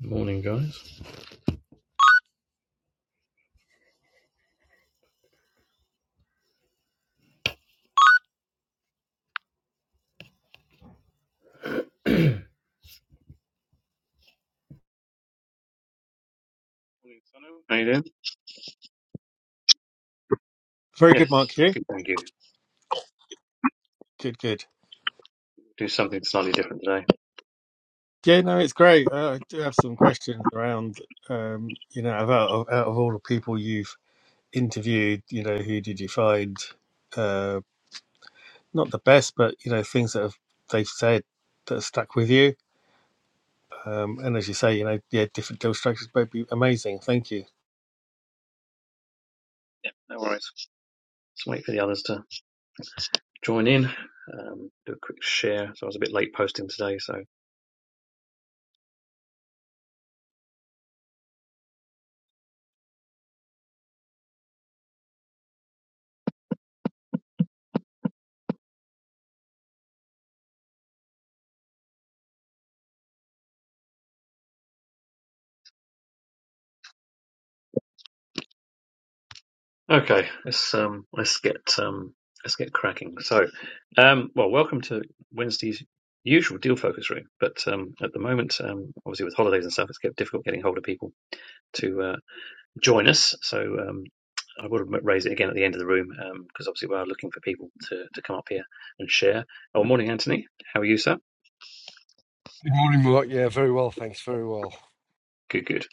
Morning, guys. Morning, Sonu. How you doing? Very good, Mark. Yes, You? good, thank you. Good, good. Do something slightly different today. Yeah, no, it's great. Uh, I do have some questions around, um, you know, out of, out of all the people you've interviewed, you know, who did you find uh, not the best, but, you know, things that have, they've said that have stuck with you? Um, and as you say, you know, yeah, different deal structures might be amazing. Thank you. No worries. Let's wait for the others to join in. Um, do a quick share. So I was a bit late posting today. So okay, let's um, let's get um, let's get cracking. So, um, well, welcome to Wednesday's usual deal focus room. But um, at the moment, um, obviously with holidays and stuff, it's kept difficult getting hold of people to. uh, join us. So um, I would raise it again at the end of the room because um, obviously we are looking for people to, to come up here and share. Oh, morning, Anthony. How are you, sir? Good morning, Mark. Yeah, very well, thanks. Very well. Good, good.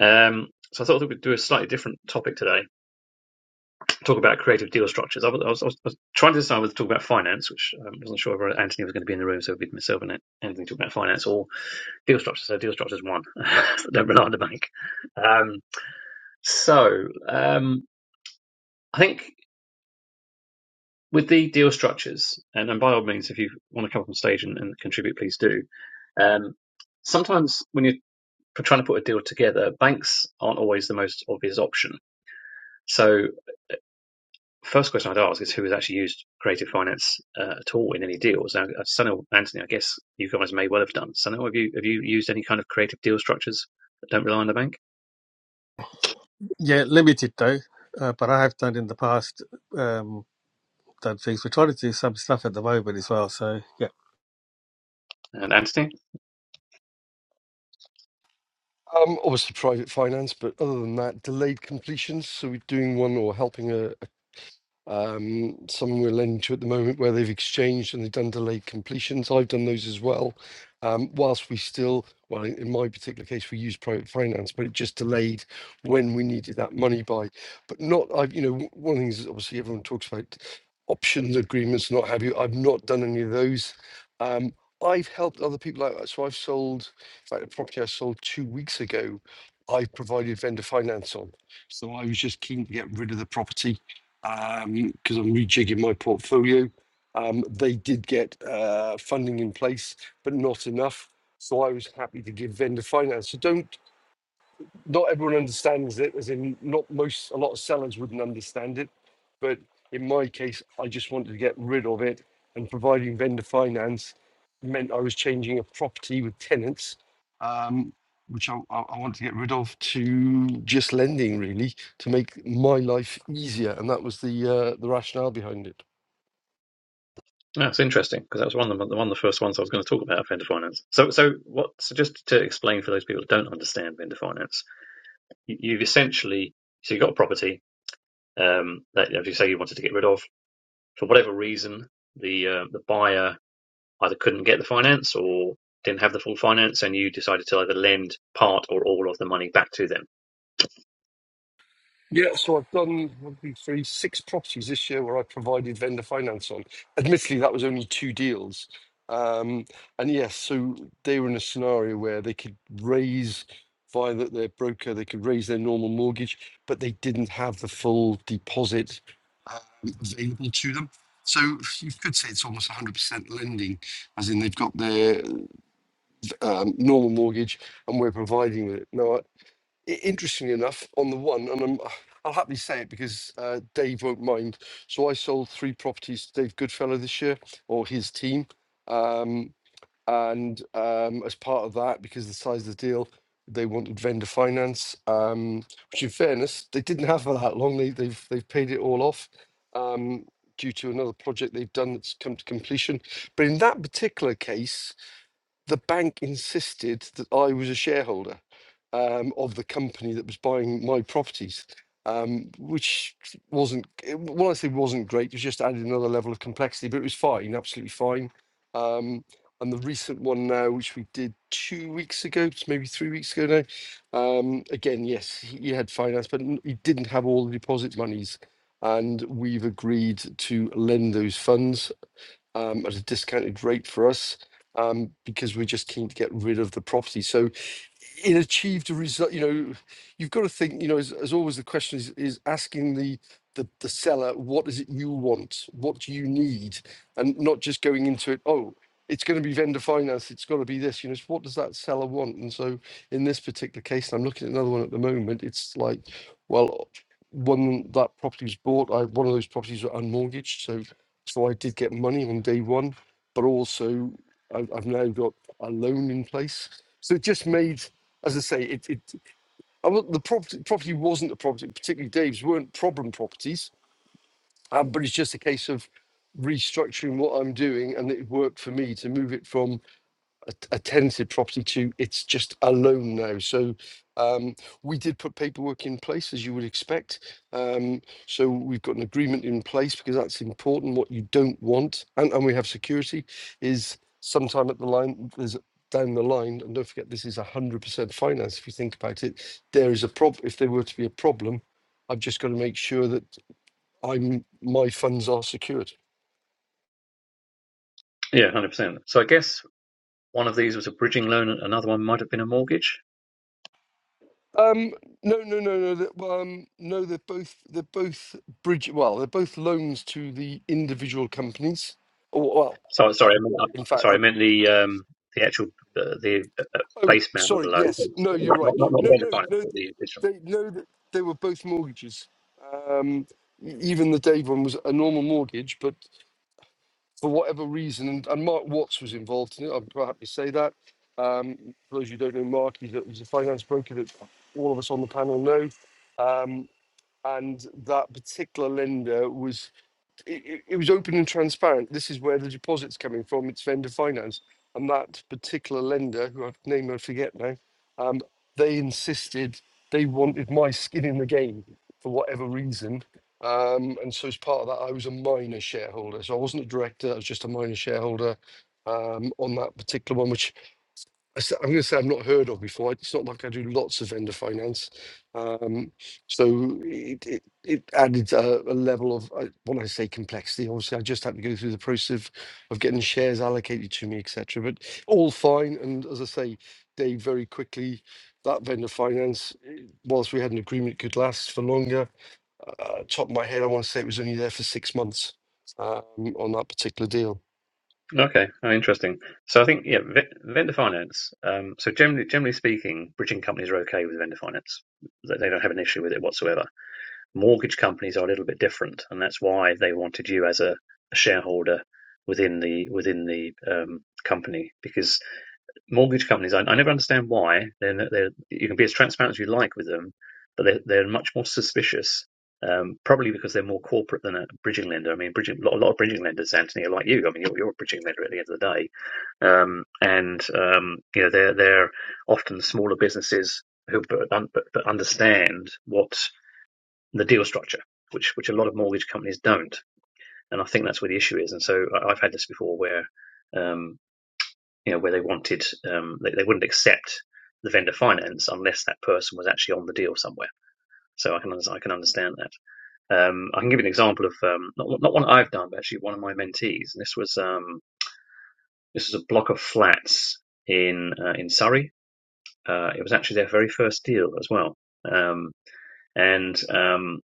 Um, so I thought that we'd do a slightly different topic today, talk about creative deal structures. I was, I was, I was trying to decide whether to talk about finance, which I wasn't sure whether Anthony was going to be in the room, so it'd be myself and Anthony talking about finance or deal structures. So deal structures one, don't rely on the bank. Um, so um, I think. with the deal structures, and, and by all means, if you want to come up on stage and, and contribute, please do. Um, sometimes when you're trying to put a deal together, banks aren't always the most obvious option. So, first question I'd ask is who has actually used creative finance uh, at all in any deals? Now, uh, Sunil, Anthony, I guess you guys may well have done. Sunil, have you have you used any kind of creative deal structures that don't rely on the bank? Yeah, limited though, uh, but I have done in the past, um, done things. We're trying to do some stuff at the moment as well. So, yeah. And Anthony, Um, obviously private finance, but other than that, delayed completions. So we're doing one or helping a, Um, some we're lending to at the moment where they've exchanged and they've done delayed completions. I've done those as well. Um, whilst we still, well, in in my particular case, we used private finance, but it just delayed when we needed that money by. But not, I've, you know, w- one of the things that obviously everyone talks about options agreements, not have you. I've not done any of those. Um, I've helped other people out. So I've sold, in fact, a property I sold two weeks ago, I provided vendor finance on. So I was just keen to get rid of the property um, because I'm rejigging my portfolio. Um, they did get uh, funding in place, but not enough. So I was happy to give vendor finance. So don't not everyone understands it, as in not most a lot of sellers wouldn't understand it. But in my case, I just wanted to get rid of it, and providing vendor finance meant I was changing a property with tenants, um, which I, I I wanted to get rid of, to just lending really to make my life easier, and that was the uh, the rationale behind it. That's interesting because that was one of the, one of the first ones I was going to talk about vendor finance. So, so what? So, just to explain for those people that don't understand vendor finance, you, you've essentially so you got a property um, that, as you say, you wanted to get rid of for whatever reason. The uh, the buyer either couldn't get the finance or didn't have the full finance, and you decided to either lend part or all of the money back to them. Yeah, so I've done one, two, three, six properties this year where I provided vendor finance on. Admittedly, that was only two deals. Um, and yes, so they were in a scenario where they could raise via the, their broker, they could raise their normal mortgage, but they didn't have the full deposit um, available to them. So you could say it's almost 100% lending, as in they've got their um, normal mortgage and we're providing with it. No, I- interestingly enough, on the one, and I'm, I'll happily say it because uh, Dave won't mind. So I sold three properties to Dave Goodfellow this year, or his team. Um, and um, as part of that, because of the size of the deal, they wanted vendor finance, um, which, in fairness, they didn't have for that long. They, they've they've paid it all off um, due to another project they've done that's come to completion. But in that particular case, the bank insisted that I was a shareholder um, of the company that was buying my properties, um, which wasn't, it- when I say wasn't great, it was just added another level of complexity, but it was fine, absolutely fine. Um, and the recent one now, which we did two weeks ago, it's maybe three weeks ago now, um, again, yes, he he had finance, but n- he didn't have all the deposit monies. And we've agreed to lend those funds um, at a discounted rate for us um, because we're just keen to get rid of the property. So it achieved a result. You know, you've got to think. You know, as, as always, the question is is asking the, the the seller what is it you want, what do you need, and not just going into it. Oh, it's going to be vendor finance. It's got to be this. You know, it's what does that seller want? And so, in this particular case, and I'm looking at another one at the moment. It's like, well, when that property was bought, I one of those properties were unmortgaged, so so I did get money on day one, but also I, I've now got a loan in place. So it just made as I say, it, it I, wa- the property, property wasn't a property, particularly Dave's weren't problem properties, um, but it's just a case of restructuring what I'm doing, and it worked for me to move it from a, a tenanted property to it's just a loan now. So um, we did put paperwork in place as you would expect. Um, so we've got an agreement in place because that's important. What you don't want, and, and we have security, is sometime at the line there's down the line, and don't forget this is hundred percent finance. If you think about it, there is a problem. If there were to be a problem, I've just got to make sure that I'm my funds are secured. Yeah, one hundred percent. So, I guess one of these was a bridging loan, and another one might have been a mortgage. Um, no, no, no, no. That, well, um, no, they're both they're both bridge. Well, they're both loans to the individual companies. Or well, So uh, sorry, I meant, in uh, fact, sorry, I I. meant the um, the actual uh, the uh, uh, Oh, base mount of the sorry. Yes. logo, No, you're not not, right. not the No, vendor no, finance, no. but the original. They no. th- They were both mortgages. Um, e- even the Dave one was a normal mortgage, but for whatever reason, and, and Mark Watts was involved in it. I'm quite happy to say that. Um, for those who don't know Mark, he's a, he's a finance broker that all of us on the panel know. Um, and that particular lender was it, it it was open and transparent. This is where the deposit's coming from. It's vendor finance, and that particular lender, who I've name I forget now, um, they insisted they wanted my skin in the game for whatever reason. Um, and so as part of that, I was a minor shareholder. So I wasn't a director; I was just a minor shareholder um, on that particular one, which I s- I'm going to say I've not heard of before. It's not like I do lots of vendor finance, um, so it it, it added a, a level of uh, when I say complexity. Obviously, I just had to go through the process of, of getting shares allocated to me, etc. But all fine, and as I say, they very quickly that vendor finance. eh, Whilst we had an agreement, could last for longer. Uh, top of my head, I want to say it was only there for six months um, on that particular deal. Okay, oh, interesting. So I think yeah, ve- vendor finance. Um, so generally, generally speaking, bridging companies are okay with vendor finance; they they don't have an issue with it whatsoever. Mortgage companies are a little bit different, and that's why they wanted you as a, a shareholder within the within the um, company because mortgage companies, I, I never understand why. They're, they're, you can be as transparent as you like with them, but they're, they're much more suspicious. Um, probably because they're more corporate than a bridging lender. I mean, bridging, a lot of bridging lenders, Anthony, are like you. I mean, you're, you're a bridging lender at the end of the day, um, and um, you know they're they're often smaller businesses who but, but, but understand what the deal structure, which which a lot of mortgage companies don't. And I think that's where the issue is. And so I, I've had this before where um, you know, where they wanted, um, they, they wouldn't accept the vendor finance unless that person was actually on the deal somewhere. So I can I can understand that. Um, I can give you an example of um, not not one I've done, but actually one of my mentees. And this was um, this was a block of flats in uh, in Surrey. Uh, it was actually their very first deal as well, um, and um,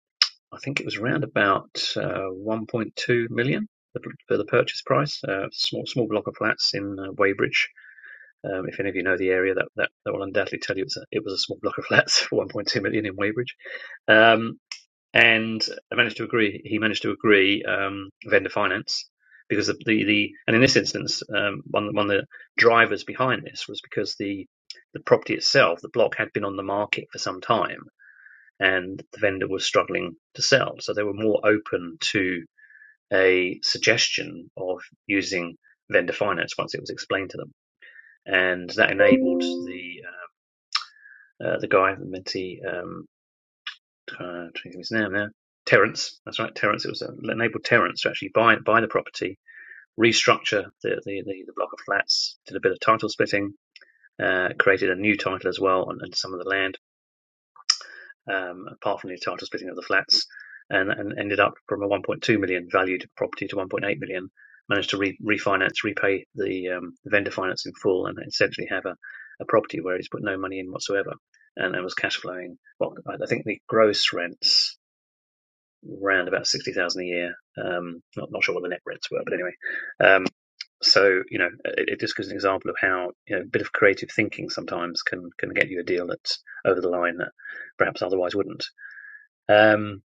I think it was around about uh, 1.2 million for the for the purchase price. Uh, small small block of flats in uh, Weybridge Um, if any of you know the area, that, that, that will undoubtedly tell you it's a, it was a small block of flats for 1.2 million in Weybridge. Um, and I managed to agree. He managed to agree um, vendor finance because the, the, the and in this instance, um, one one of the drivers behind this was because the the property itself, the block had been on the market for some time, and the vendor was struggling to sell. So they were more open to a suggestion of using vendor finance once it was explained to them, and that enabled the uh, the guy, Menti, um, trying to think of his name now, Terence. That's right, Terence. It was uh, enabled Terence to actually buy buy the property, restructure the, the, the, the block of flats, did a bit of title splitting, uh, created a new title as well on, on some of the land, um, apart from the title splitting of the flats, and, and ended up from a 1.2 million valued property to 1.8 million. Managed to re- refinance, repay the um, vendor finance in full, and essentially have a, a property where he's put no money in whatsoever, and it was cash flowing. Well, I think the gross rents round about sixty thousand a year. Um, not not sure what the net rents were, but anyway. Um, so you know, it, it just gives an example of how you know a bit of creative thinking sometimes can can get you a deal that's over the line that perhaps otherwise wouldn't. Um,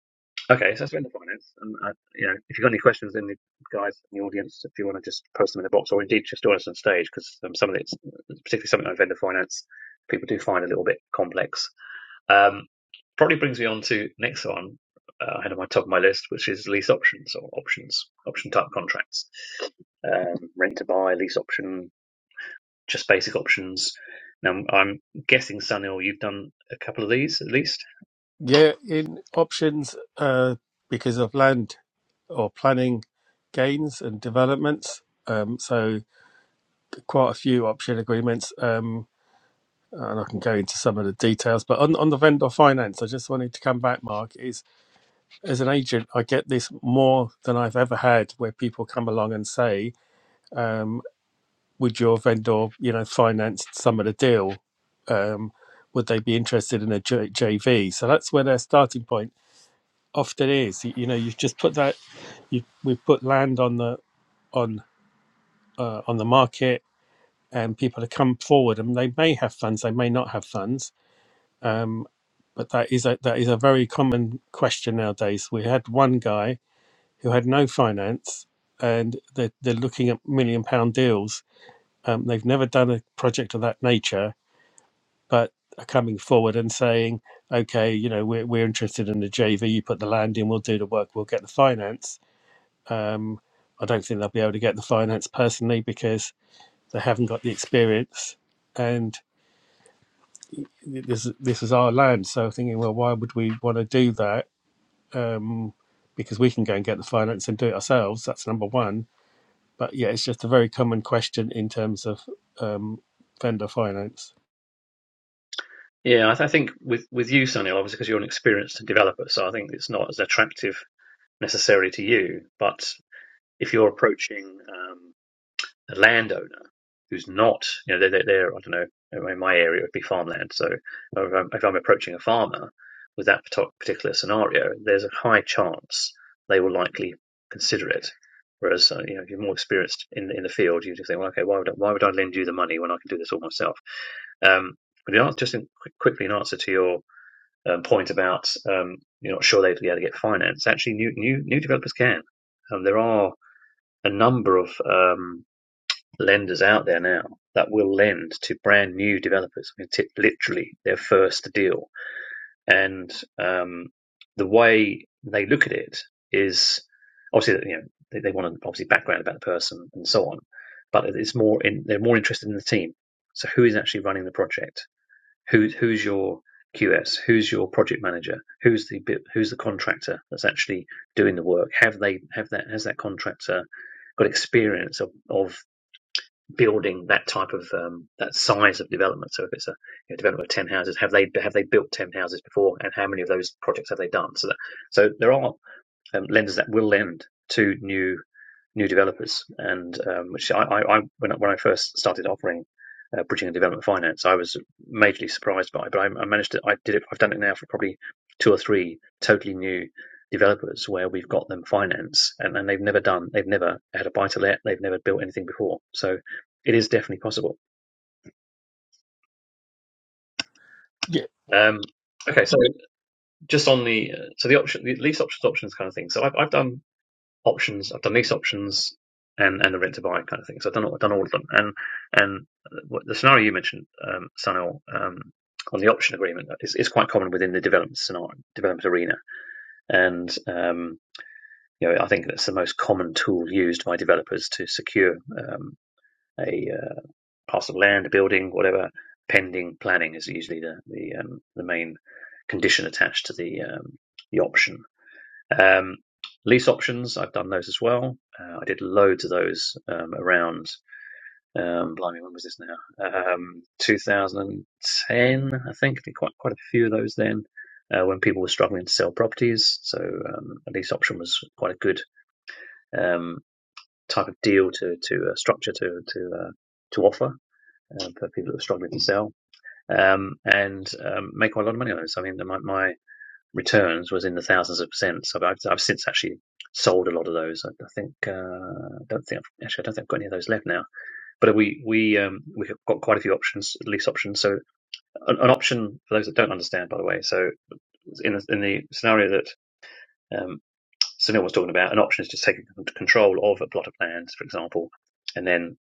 okay, so that's the end of finance. And I, you know, if you've got any questions, then the guys in the audience, if you want to just post them in the box, or indeed just join us on stage, because um, some of it's particularly something like vendor finance, people do find a little bit complex. Um, probably brings me on to next one uh, ahead of my top of my list, which is lease options or options, option type contracts, um, rent to buy, lease option, just basic options. Now I'm guessing, Sunil, you've done a couple of these at least. Yeah, in options, uh, because of land or planning gains and developments. Um, so quite a few option agreements, um, and I can go into some of the details. But on, on the vendor finance, I just wanted to come back, Mark. Is as an agent, I get this more than I've ever had, where people come along and say, um, "Would your vendor, you know, finance some of the deal?" Um, would they be interested in a J- JV? So that's where their starting point often is. You, you know, you've just put that you we've put land on the on uh, on the market, and people have come forward, and they may have funds, they may not have funds. Um, but that is a that is a very common question nowadays. We had one guy who had no finance, and they're, they're looking at million pound deals. Um, they've never done a project of that nature, but are coming forward and saying, "Okay, you know, we're we're interested in the JV. You put the land in, we'll do the work, we'll get the finance." Um, I don't think they'll be able to get the finance personally because they haven't got the experience. And this this is our land, so thinking, well, why would we want to do that? Um, because we can go and get the finance and do it ourselves. That's number one. But yeah, it's just a very common question in terms of um, vendor finance. Yeah, I, th- I think with with you, Sunil, obviously because you're an experienced developer, so I think it's not as attractive necessarily to you. But if you're approaching um, a landowner who's not, you know, they're, they're, I don't know, in my area it would be farmland. So if I'm, if I'm approaching a farmer with that parto- particular scenario, there's a high chance they will likely consider it. Whereas uh, you know, if you're more experienced in in the field, you just think, well, okay, why would I, why would I lend you the money when I can do this all myself? Um, but in answer, just in, quick- quickly in answer to your um, point about um, you're not sure they'd be able to get finance. Actually, new new new developers can. Um, there are a number of um, lenders out there now that will lend to brand new developers. I mean, t- literally their first deal. And um, the way they look at it is obviously you know they, they want an obviously background about the person and so on, but it's more in they're more interested in the team. So who is actually running the project? Who's who's your QS? Who's your project manager? Who's the bit, who's the contractor that's actually doing the work? Have they have that has that contractor got experience of, of building that type of um, that size of development? So if it's a you know, development of ten houses, have they have they built ten houses before, and how many of those projects have they done? So that so there are um, lenders that will lend to new new developers. And um, which I, I, I when I, when I first started offering uh, bridging and development finance, I was majorly surprised by. it. But I, I managed to I did it. I've done it now for probably two or three totally new developers where we've got them finance and, and they've never done they've never had a buy to let they've never built anything before so it is definitely possible Yeah, um okay so just on the uh, so the option the lease options options kind of thing so i've, I've done options. I've done these options and and the rent to buy kind of thing. So I've done I've done all of them. And and the scenario you mentioned, um, Sunil, um, on the option agreement is, is quite common within the development scenario, development arena. And um, you know, I think that's the most common tool used by developers to secure um, a uh, parcel of land, a building, whatever. Pending planning is usually the the, um, the main condition attached to the um, the option um, lease options, I've done those as well. Uh, I did loads of those um, around, um, blimey, when was this now? Um, 2010, I think. I did quite, quite a few of those then uh, when people were struggling to sell properties. So um, a lease option was quite a good um, type of deal to, to uh, structure to, to, uh, to offer uh, for people that were struggling to sell. Um, and um, make quite a lot of money on those. I mean, my, my returns was in the thousands of percent. So I've- I've since actually sold a lot of those. I, I think uh, I don't think I've, actually I don't think I've got any of those left now. But we we um, we have got quite a few options, lease options. So an, an option for those that don't understand, by the way. So in the, in the scenario that um, Sunil was talking about, an option is just taking control of a plot of land, for example, and then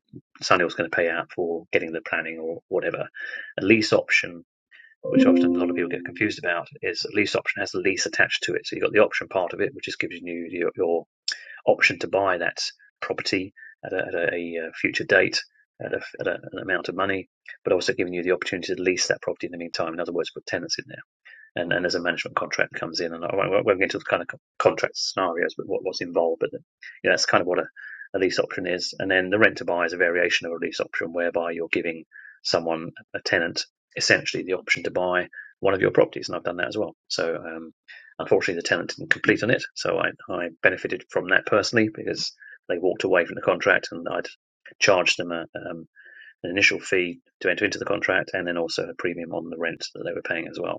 Sunil's going to pay out for getting the planning or whatever. A lease option which often a lot of people get confused about, is a lease option has a lease attached to it. So you've got the option part of it, which just gives you your, your option to buy that property at a, at a, future date at, a, at a, an amount of money, but also giving you the opportunity to lease that property in the meantime. In other words, put tenants in there and then as a management contract comes in, and I won't, will go into the kind of contract scenarios, but what, what's involved. But yeah, that's kind of what a, a lease option is. And then the rent to buy is a variation of a lease option, whereby you're giving someone a tenant essentially the option to buy one of your properties, and I've done that as well. So um, unfortunately, the tenant didn't complete on it, so I, I benefited from that personally because they walked away from the contract, and I'd charged them a, um, an initial fee to enter into the contract, and then also a premium on the rent that they were paying as well.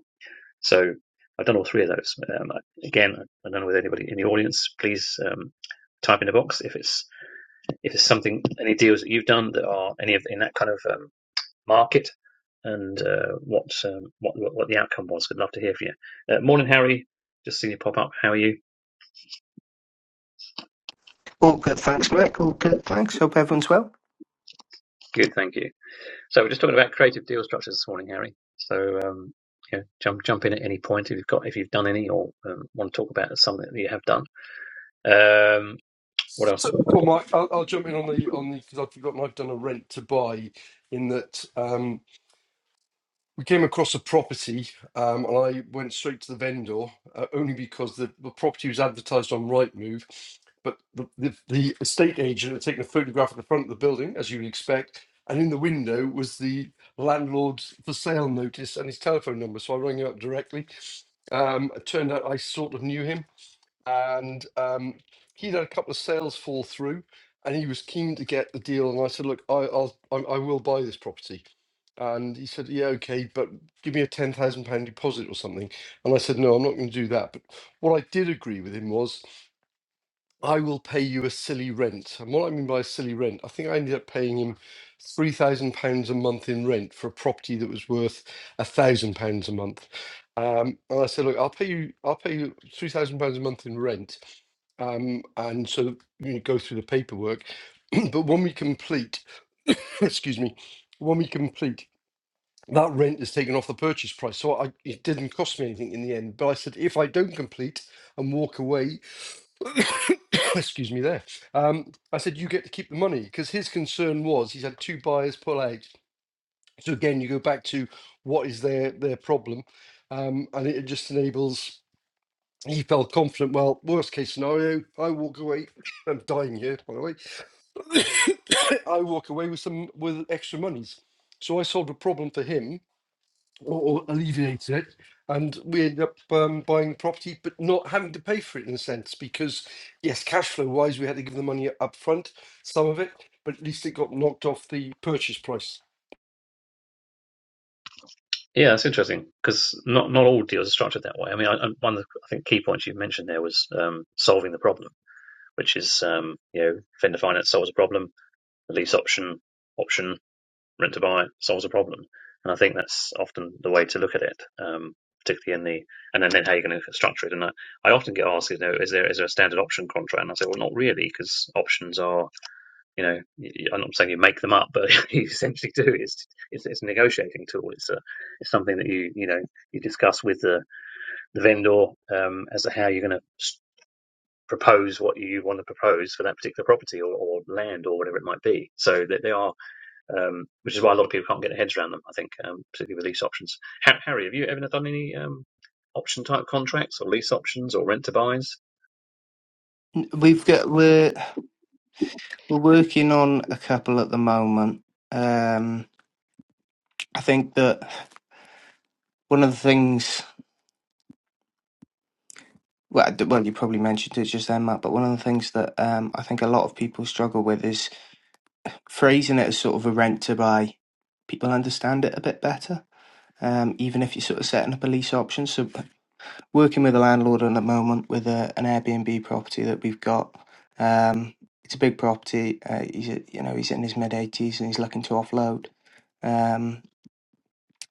So I've done all three of those. Um, again, I don't know whether anybody in the audience, please um, type in the box if it's if it's something any deals that you've done that are any of in that kind of um, market and uh, what, um, what what what the outcome was. I'd love to hear from you. Uh, morning, Harry. Just seen you pop up. How are you? All good, thanks, Rick. All good, thanks. Hope everyone's well. Good, thank you. So we're just talking about creative deal structures this morning, Harry. So um, you know, jump jump in at any point if you've got if you've done any or um, want to talk about something that you have done. Um, what else? So, well, Mike, I'll, I'll jump in on the on the because I've forgotten I've done a rent to buy. In that um, we came across a property, um, and I went straight to the vendor uh, only because the, the property was advertised on Rightmove, but the, the the estate agent had taken a photograph of the front of the building, as you would expect, and in the window was the landlord's for sale notice and his telephone number. So I rang him up directly. Um, it turned out I sort of knew him and um, he'd had a couple of sales fall through, and he was keen to get the deal. And I said, "Look, I, I'll, I, I will buy this property." And he said, "Yeah, okay, but give me a ten thousand pound deposit or something." And I said, "No, I'm not going to do that." But what I did agree with him was I will pay you a silly rent. And what I mean by a silly rent, I think I ended up paying him three thousand pounds a month in rent for a property that was worth a thousand pounds a month. Um, and I said, look, I'll pay you, I'll pay you three thousand pounds a month in rent, um, and so you know, go through the paperwork. but when we complete, excuse me, when we complete, that rent is taken off the purchase price. So I, it didn't cost me anything in the end. But I said, if I don't complete and walk away, excuse me there um i said you get to keep the money because his concern was he's had two buyers pull out so again you go back to what is their their problem um and it just enables he felt confident well worst case scenario i walk away i'm dying here by the way i walk away with some with extra monies so i solved a problem for him or, or alleviate it. And we end up um, buying property, but not having to pay for it in a sense, because yes, cash flow wise, we had to give the money up front, some of it, but at least it got knocked off the purchase price. Yeah, it's interesting because not not all deals are structured that way. I mean, I, I, one of the I think key points you mentioned there was um, solving the problem, which is um, you know vendor finance solves a problem, the lease option option rent to buy solves a problem, and I think that's often the way to look at it, um, particularly in the and then, then how you're going to structure it. And I, I often get asked, you know, is there is there a standard option contract? And I say, well, not really, because options are you know, i y- I'm not saying you make them up, but you essentially do. It's it's, it's a negotiating tool. It's a it's something that you you know you discuss with the the vendor um, as to how you're going to propose what you want to propose for that particular property or, or land or whatever it might be. So that they are, um, which is why a lot of people can't get their heads around them. I think, um, particularly with lease options. Ha- Harry, have you ever done any um, option type contracts or lease options or rent to buys? We've got we're we're working on a couple at the moment. Um, I think that one of the things well, I d- well, you probably mentioned it just then, Matt. But one of the things that um, I think a lot of people struggle with is phrasing it as sort of a rent to buy. People understand it a bit better, um, even if you're sort of setting up a lease option. So working with a landlord at the moment with a, an Airbnb property that we've got. Um, it's a big property. Uh, he's a- you know he's in his mid eighties and he's looking to offload. Um,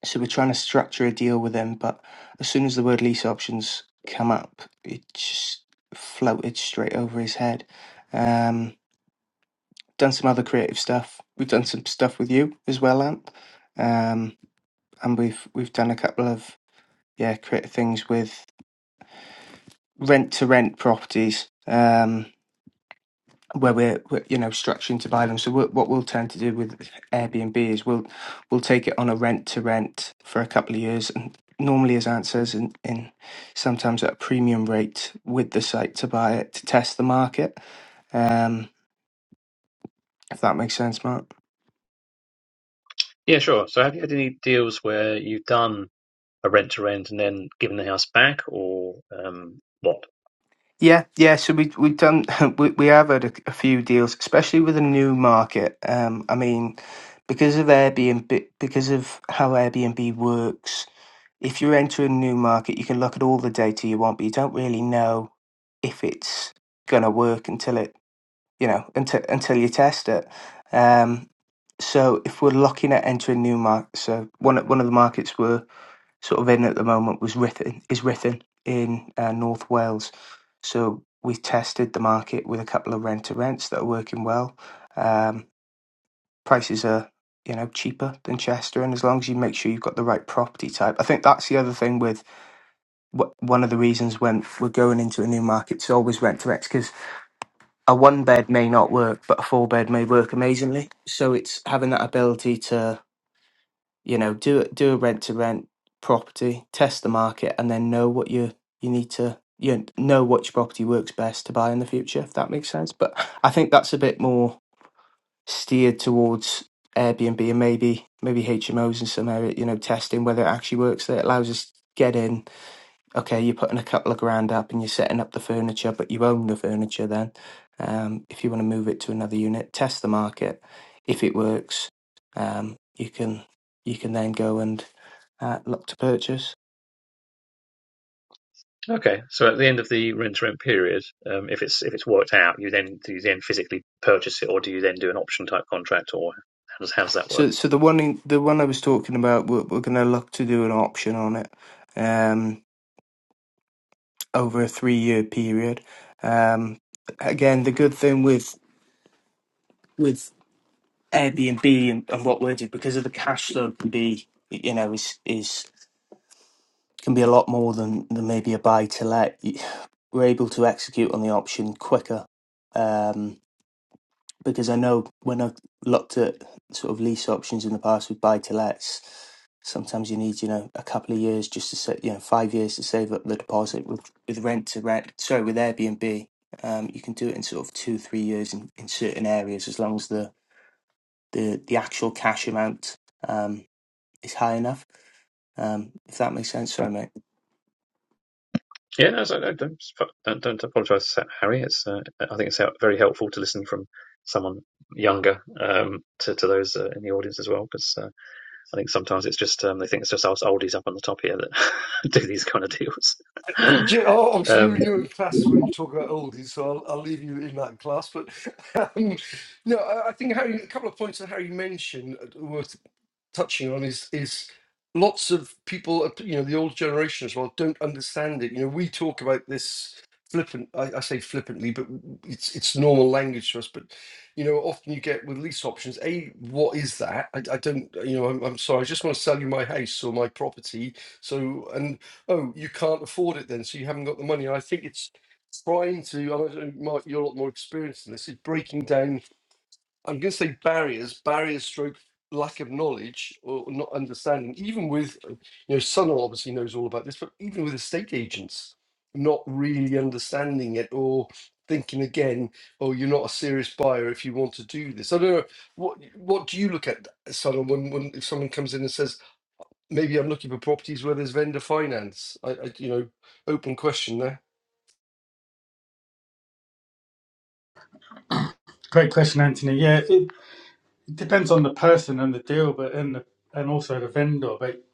so we're trying to structure a deal with him, but as soon as the word lease options come up, it just floated straight over his head. Um, done some other creative stuff. We've done some stuff with you as well, Ant. Um, and we've we've done a couple of yeah creative things with rent to rent properties. Um, where we're, we're you know structuring to buy them. So we what we'll tend to do with Airbnb is we'll we'll take it on a rent to rent for a couple of years, and normally, as Ant says, in, in sometimes at a premium rate with the site to buy it to test the market. Um, if that makes sense, Mark. Yeah, sure. So have you had any deals where you've done a rent to rent and then giving the house back, or um, what? Yeah, yeah. So we we've done we we have had a, a few deals, especially with a new market. Um, I mean, because of Airbnb, because of how Airbnb works if you enter a new market, you can look at all the data you want, but you don't really know if it's going to work until it, you know, until until you test it. Um, so if we're looking at entering new markets, so one of- one of the markets we're sort of in at the moment was Rithin, is Rithin in uh, North Wales. So we tested the market with a couple of rent to rents that are working well. Um, prices are you know cheaper than Chester, and as long as you make sure you've got the right property type, I think that's the other thing with one of the reasons when we're going into a new market to always rent to rent because a one bed may not work, but a four bed may work amazingly. So it's having that ability to you know do a- do a rent to rent property, test the market, and then know what you you need to you know, know which property works best to buy in the future. If that makes sense, but I think that's a bit more steered towards Airbnb and maybe maybe HMOs in some area. You know, testing whether it actually works. That allows us to get in okay, you're putting a couple of grand up and you're setting up the furniture, but you own the furniture then. Um, if you want to move it to another unit, test the market. If it works, um, you can you can then go and uh, look to purchase. Okay, so at the end of the rent to rent period, um, if it's if it's worked out, you then do you then physically purchase it, or do you then do an option type contract, or how does, how does that work? So so the one in, the one I was talking about, we're, we're going to look to do an option on it um, over a three year period. Um, again, the good thing with with Airbnb and, and what we're doing because of the cash flow can be you know is is can be a lot more than, than maybe a buy to let. Y- We're able to execute on the option quicker um, because I know when I've looked at sort of lease options in the past with buy to lets, sometimes you need you know a couple of years just to set you know five years to save up the deposit with with rent to rent. Sorry, with Airbnb, um, you can do it in sort of two three years in, in certain areas as long as the the, the actual cash amount um, is high enough. Um, if that makes sense, sorry mate. Yeah, no, so, no, don't don't, don't apologise, Harry. It's uh, I think it's uh, very helpful to listen from someone younger um, to to those uh, in the audience as well, because uh, I think sometimes it's just um, they think it's just us oldies up on the top here that do these kind of deals. J- oh, Obviously, you're um, new in your class when you talk about oldies, so I'll, I'll leave you in that class. But um, no, I, I think Harry, a couple of points that Harry mentioned are worth touching on is is lots of people, uh, you know, the old generation as well, don't understand it. You know, we talk about this flippant. I, I say flippantly, but w- it's it's normal language to us. But you know, often you get with lease options. A, what is that? I, I don't. uh, You know, I'm, I'm sorry. I just want to sell you my house or my property. So and oh, you can't afford it then, so you haven't got the money. And I think it's trying to. I don't know, Mark, you're a lot more experienced in this. Is breaking down I'm going to say barriers, barriers, stroke lack of knowledge or not understanding. Even with, uh, you know, Sunil obviously knows all about this, but even with estate agents not really understanding it or thinking again, oh, you're not a serious buyer if you want to do this. I don't know what what do you look at, Sunil, when when if someone comes in and says maybe I'm looking for properties where there's vendor finance. I, I you know, open question there. great question, Anthony. Yeah, it depends on the person and the deal, but and the, and also the vendor. But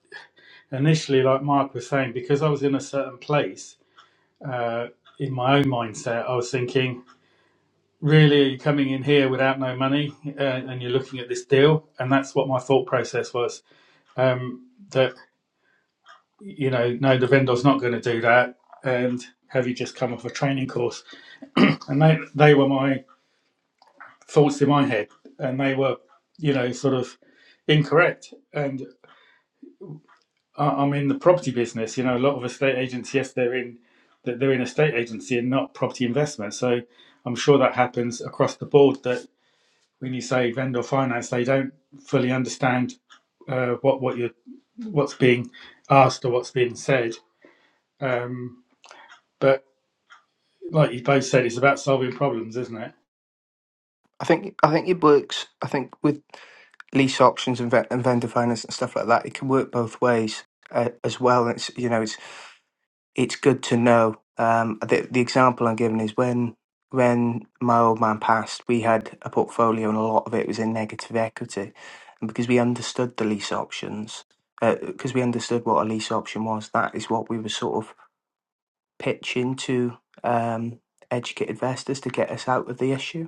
initially, like Mark was saying, because I was in a certain place. Uh, in my own mindset, I was thinking, really, are you coming in here without no money uh, and you're looking at this deal? And that's what my thought process was um, that, you know, no, the vendor's not going to do that. And have you just come off a training course? And they, they were my thoughts in my head and they were, you know, sort of incorrect. And I, I'm in the property business, you know, a lot of estate agents, yes, they're in. That they're in estate agency and not property investment. So I'm sure that happens across the board. That when you say vendor finance, they don't fully understand uh, what what you what's being asked or what's being said. Um, but like you both said, it's about solving problems, isn't it? I think I think it works. I think with lease auctions and, ve- and vendor finance and stuff like that, it can work both ways uh, as well. It's you know it's it's good to know. Um, the the example I'm giving is when when my old man passed, we had a portfolio and a lot of it was in negative equity, and because we understood the lease options, because we understood what a lease option was, that is what we were sort of pitching to um, educate investors to get us out of the issue.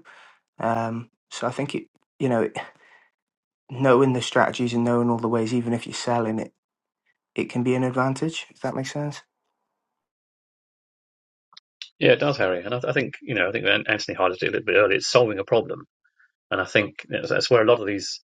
Um, so I think it you know knowing the strategies and knowing all the ways, even if you're selling it, it can be an advantage, if that makes sense. Yeah, it does, Harry. And I, th- I think, you know, I think Anthony highlighted it a little bit earlier. It's solving a problem. And I think you know, that's where a lot of these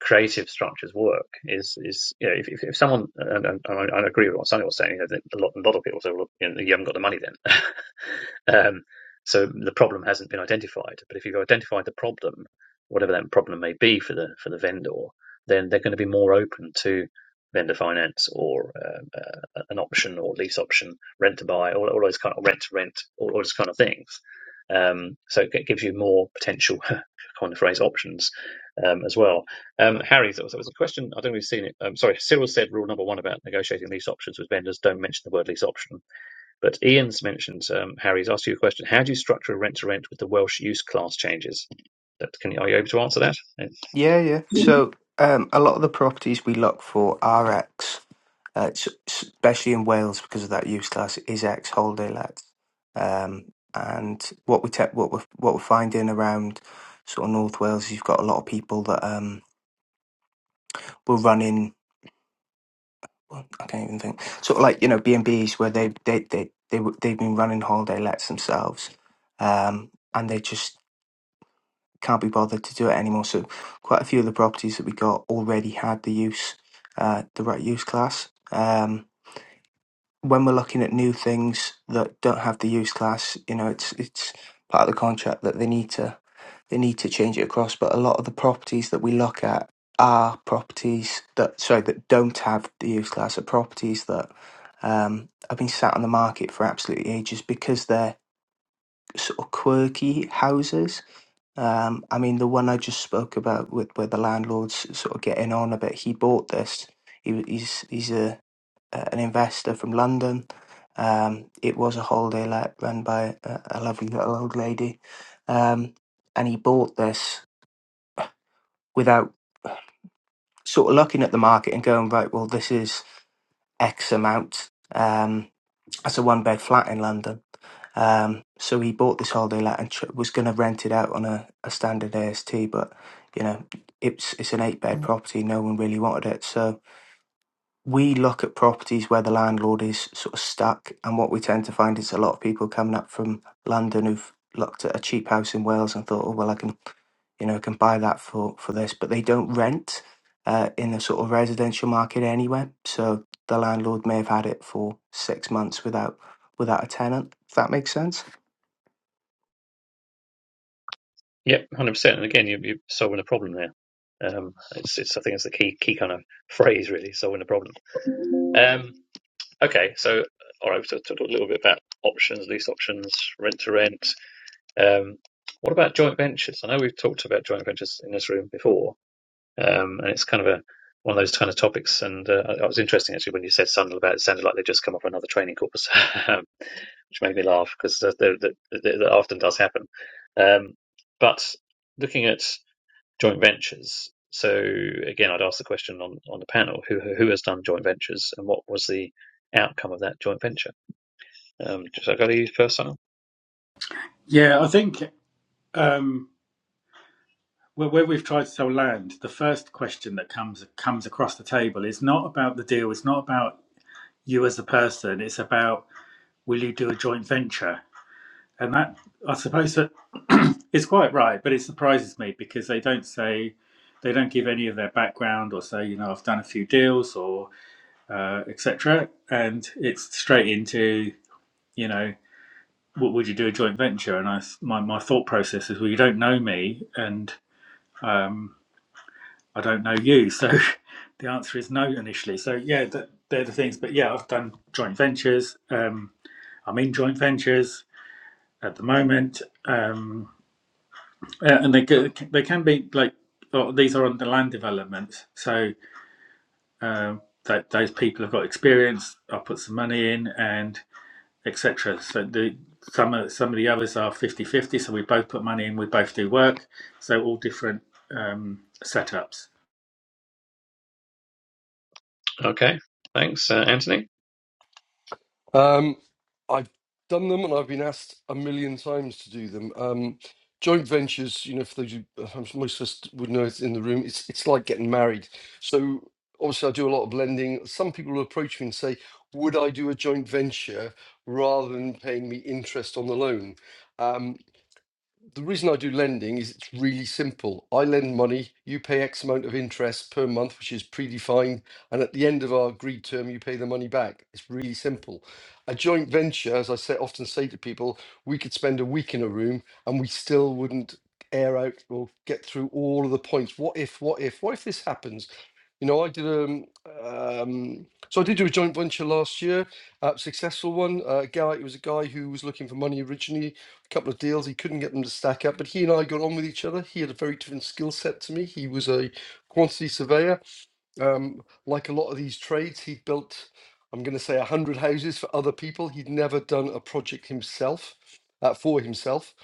creative structures work is is you know if if, someone and, and, I agree with what Sonny was saying you know a lot a lot of people say well you, know, you haven't got the money then um, so the problem hasn't been identified but if you've identified the problem whatever that problem may be for the for the vendor then they're going to be more open to vendor finance or um, uh, an option or lease option rent to buy all, all those kind of rent to rent all, all those kind of things um, so it gives you more potential kind of phrase options um, as well um, Harry, there was, there was a question. I don't know if you've seen it. Um, sorry, Cyril said rule number one about negotiating lease options with vendors: don't mention the word lease option. But Ian's mentioned. Um, Harry's asked you a question. How do you structure a rent to rent with the Welsh use class changes? That, can you, are you able to answer that? Uh, Yeah, yeah. So um, a lot of the properties we look for are X, uh, s- especially in Wales because of that use class is X holiday let. Um, and what we te- what we're, what we're finding around sort of North Wales, you've got a lot of people that um, will run in. Well, I can't even think. Sort of like you know B and B's where they they they they w- they've been running holiday lets themselves, um, and they just can't be bothered to do it anymore. So quite a few of the properties that we got already had the use, uh, the right use class. Um, when we're looking at new things that don't have the use class, you know, it's it's part of the contract that they need to they need to change it across. But a lot of the properties that we look at are properties that sorry that don't have the use class are properties that um, have been sat on the market for absolutely ages because they're sort of quirky houses. Um, I mean, the one I just spoke about with where the landlord's sort of getting on a bit. He bought this. He, he's he's a uh, an investor from London. Um, it was a holiday let run by a, a lovely little old lady, um, and he bought this without sort of looking at the market and going right. Well, this is X amount. Um, that's a one bed flat in London. Um, so he bought this holiday let and tr- was going to rent it out on a, a standard AST, but you know it's it's an eight bed property. No one really wanted it, so we look at properties where the landlord is sort of stuck, and what we tend to find is a lot of people coming up from London who've looked at a cheap house in Wales and thought, oh well, I can, you know, I can buy that for for this, but they don't rent uh, in the sort of residential market anywhere. So the landlord may have had it for six months without without a tenant. If that makes sense. Yep, one hundred percent. And again, you, you're solving a problem there. Um, it's, it's I think it's the key key kind of phrase really, solving a problem. Um, okay, so all right, so talk a little bit about options, lease options, rent to rent. Um, what about joint ventures? I know we've talked about joint ventures in this room before, um, and it's kind of a one of those kind of topics. And uh, it was interesting actually when you said something about it it sounded like they would just come off another training course, which made me laugh because that, that, that, that often does happen. Um, but looking at joint ventures, so again, I'd ask the question on, on the panel: who who has done joint ventures, and what was the outcome of that joint venture? Um, should I go to you first, Simon? Yeah, I think um, where, where we've tried to sell land, the first question that comes comes across the table is not about the deal. It's not about you as a person. It's about will you do a joint venture? And that, I suppose that is quite right, but it surprises me because they don't say, they don't give any of their background or say, you know, I've done a few deals or uh, etc. And it's straight into, you know, what would you do a joint venture? And I, s- my, my thought process is, well, you don't know me and um, I don't know you. So the answer is no initially. So yeah, th- they're the things. But yeah, I've done joint ventures. Um, I'm in joint ventures at the moment. Um, Uh, and they ca- they can be like oh, these are on the land developments, so um, that those people have got experience. I put some money in and etc. So the some of some of the others are fifty fifty. So we both put money in, we both do work. So all different um, setups. Okay, thanks, uh, Anthony. Um, I've done them and I've been asked a million times to do them. Um, joint ventures, you know, for those who uh, I'm sure most of us would know it's in the room, it's it's like getting married. So obviously I do a lot of lending. Some people will approach me and say, would I do a joint venture rather than paying me interest on the loan? Um, the reason I do lending is it's really simple. I lend money, you pay X amount of interest per month, which is predefined, and at the end of our agreed term, you pay the money back. It's really simple. A joint venture, as I say, often say to people, we could spend a week in a room and we still wouldn't air out or get through all of the points. What if, what if, what if this happens? You know, I did um, um so I did do a joint venture last year, uh, successful one. Uh, guy, it was a guy who was looking for money originally couple of deals. He couldn't get them to stack up, but he and I got on with each other. He had a very different skill set to me. He was a quantity surveyor. Um, like a lot of these trades, he built, I'm going to say, 100 houses for other people. He'd never done a project himself, uh, for himself.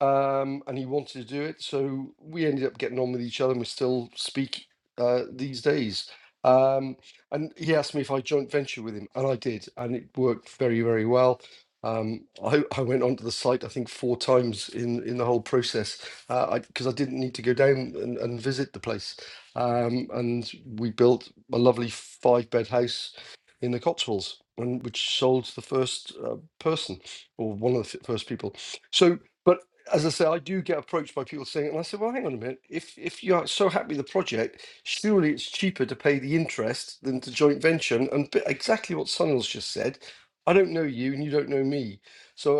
Um, and he wanted to do it. So we ended up getting on with each other and we still speak uh, these days. Um, and he asked me if I joint venture with him, and I did. And it worked very, very well. Um, I, I went onto the site, I think, four times in, in the whole process because I, 'cause I didn't need to go down and, and visit the place um, and we built a lovely five bed house in the Cotswolds, and which sold to the first uh, person or one of the f- first people. So, but as I say, I do get approached by people saying, and I said, well, hang on a minute, if if you are so happy with the project, surely it's cheaper to pay the interest than to joint venture, and, and bit- exactly what Sunil's just said. I don't know you, and you don't know me. So,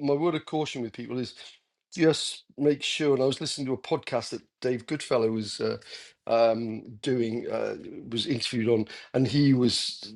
uh, my word of caution with people is just make sure. And I was listening to a podcast that Dave Goodfellow was uh, um, doing uh, was interviewed on, and he was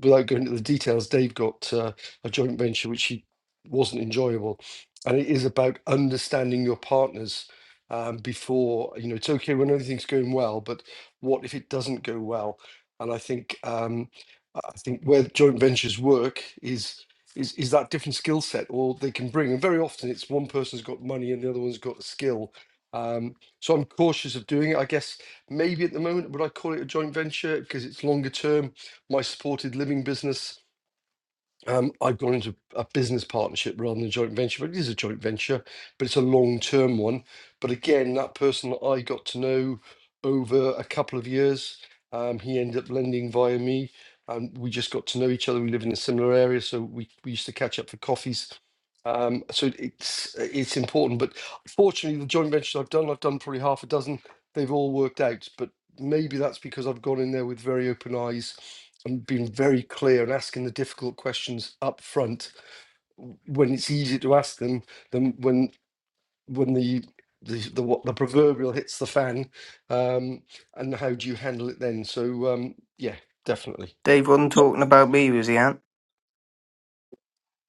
without going into the details. Dave got uh, a joint venture which he wasn't enjoyable, and it is about understanding your partners um, before you know it's okay when everything's going well, but what if it doesn't go well? And I think um, I think where joint ventures work is. Is, is that different skill set or they can bring and very often it's one person's got money and the other one's got a skill um, so I'm cautious of doing it. I guess Maybe at the moment, would I call it a joint venture because it's longer term? My supported living business um, I've gone into a business partnership rather than a joint venture, but it is a joint venture, but it's a long term one. But again, that person that I got to know over a couple of years, um, he ended up lending via me. and we just got to know each other. We live in a similar area, so we, we used to catch up for coffees. Um, so it's it's important. But fortunately, the joint ventures I've done, I've done probably half a dozen. They've all worked out, but maybe that's because I've gone in there with very open eyes and being very clear and asking the difficult questions up front when it's easy to ask them than when when the the the, what the proverbial hits the fan um and how do you handle it then so um yeah definitely Dave wasn't talking about me, was he, Ant?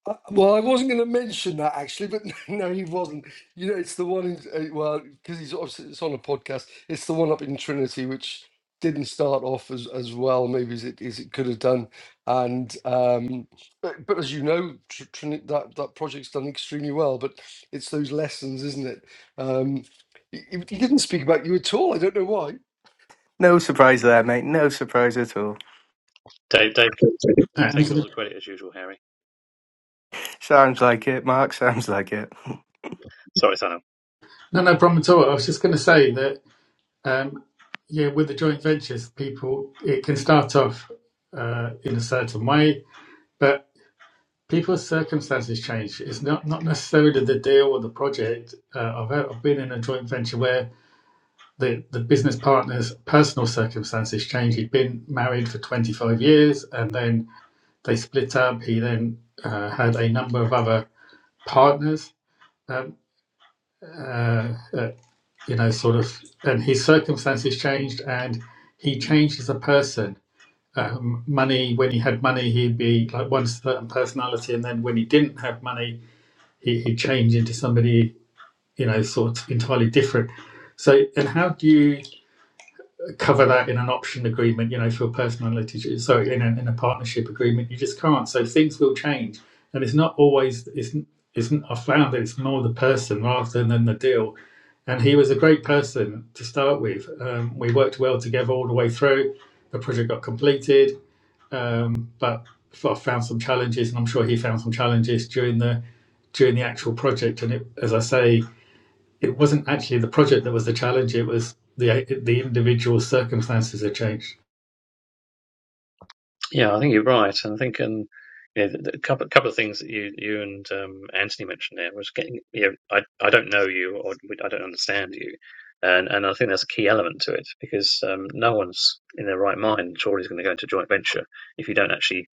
Uh, Well, I wasn't going to mention that actually, but no, he wasn't. You know, it's the one in, uh, well, because he's obviously it's on a podcast. It's the one up in Trinity, which didn't start off as as well, maybe as it as it could have done. And um, but, but as you know, Tr- Trini- that that project's done extremely well. But it's those lessons, isn't it? Um, he, he didn't speak about you at all. I don't know why. No surprise there, mate. No surprise at all. Dave, Dave, Uh, taking all Anthony. the credit as usual, Harry. Sounds like it, Mark. Sounds like it. Sorry, Sana. No, no problem at all. I was just going to say that, um, yeah, with the joint ventures, people, it can start off uh, in a certain way, but. people's circumstances change. It's not, not necessarily the deal or the project. Uh, I've, I've been in a joint venture where the, the business partner's personal circumstances change. He'd been married for 25 years and then they split up. He then uh, had a number of other partners, um, uh, uh, you know, sort of, and his circumstances changed and he changed as a person. Um, money, when he had money, he'd be like one certain personality, and then when he didn't have money, he, he changed into somebody you know sort of entirely different so and how do you cover that in an option agreement you know for a personal litig- so in a, in a partnership agreement you just can't so things will change and it's not always it's it's i found that it's more the person rather than the deal and he was a great person to start with um, we worked well together all the way through the project got completed um, but I found some challenges, and I'm sure he found some challenges during the during the actual project. And it, as I say, it wasn't actually the project that was the challenge. It was the the individual circumstances had changed. Yeah, I think you're right, and I think um, yeah, the, the couple couple of things that you you and um, Anthony mentioned there was getting you know, I I don't know you or we- I don't understand you, and and I think that's a key element to it because um, no one's in their right mind surely is going to go into joint venture if you don't actually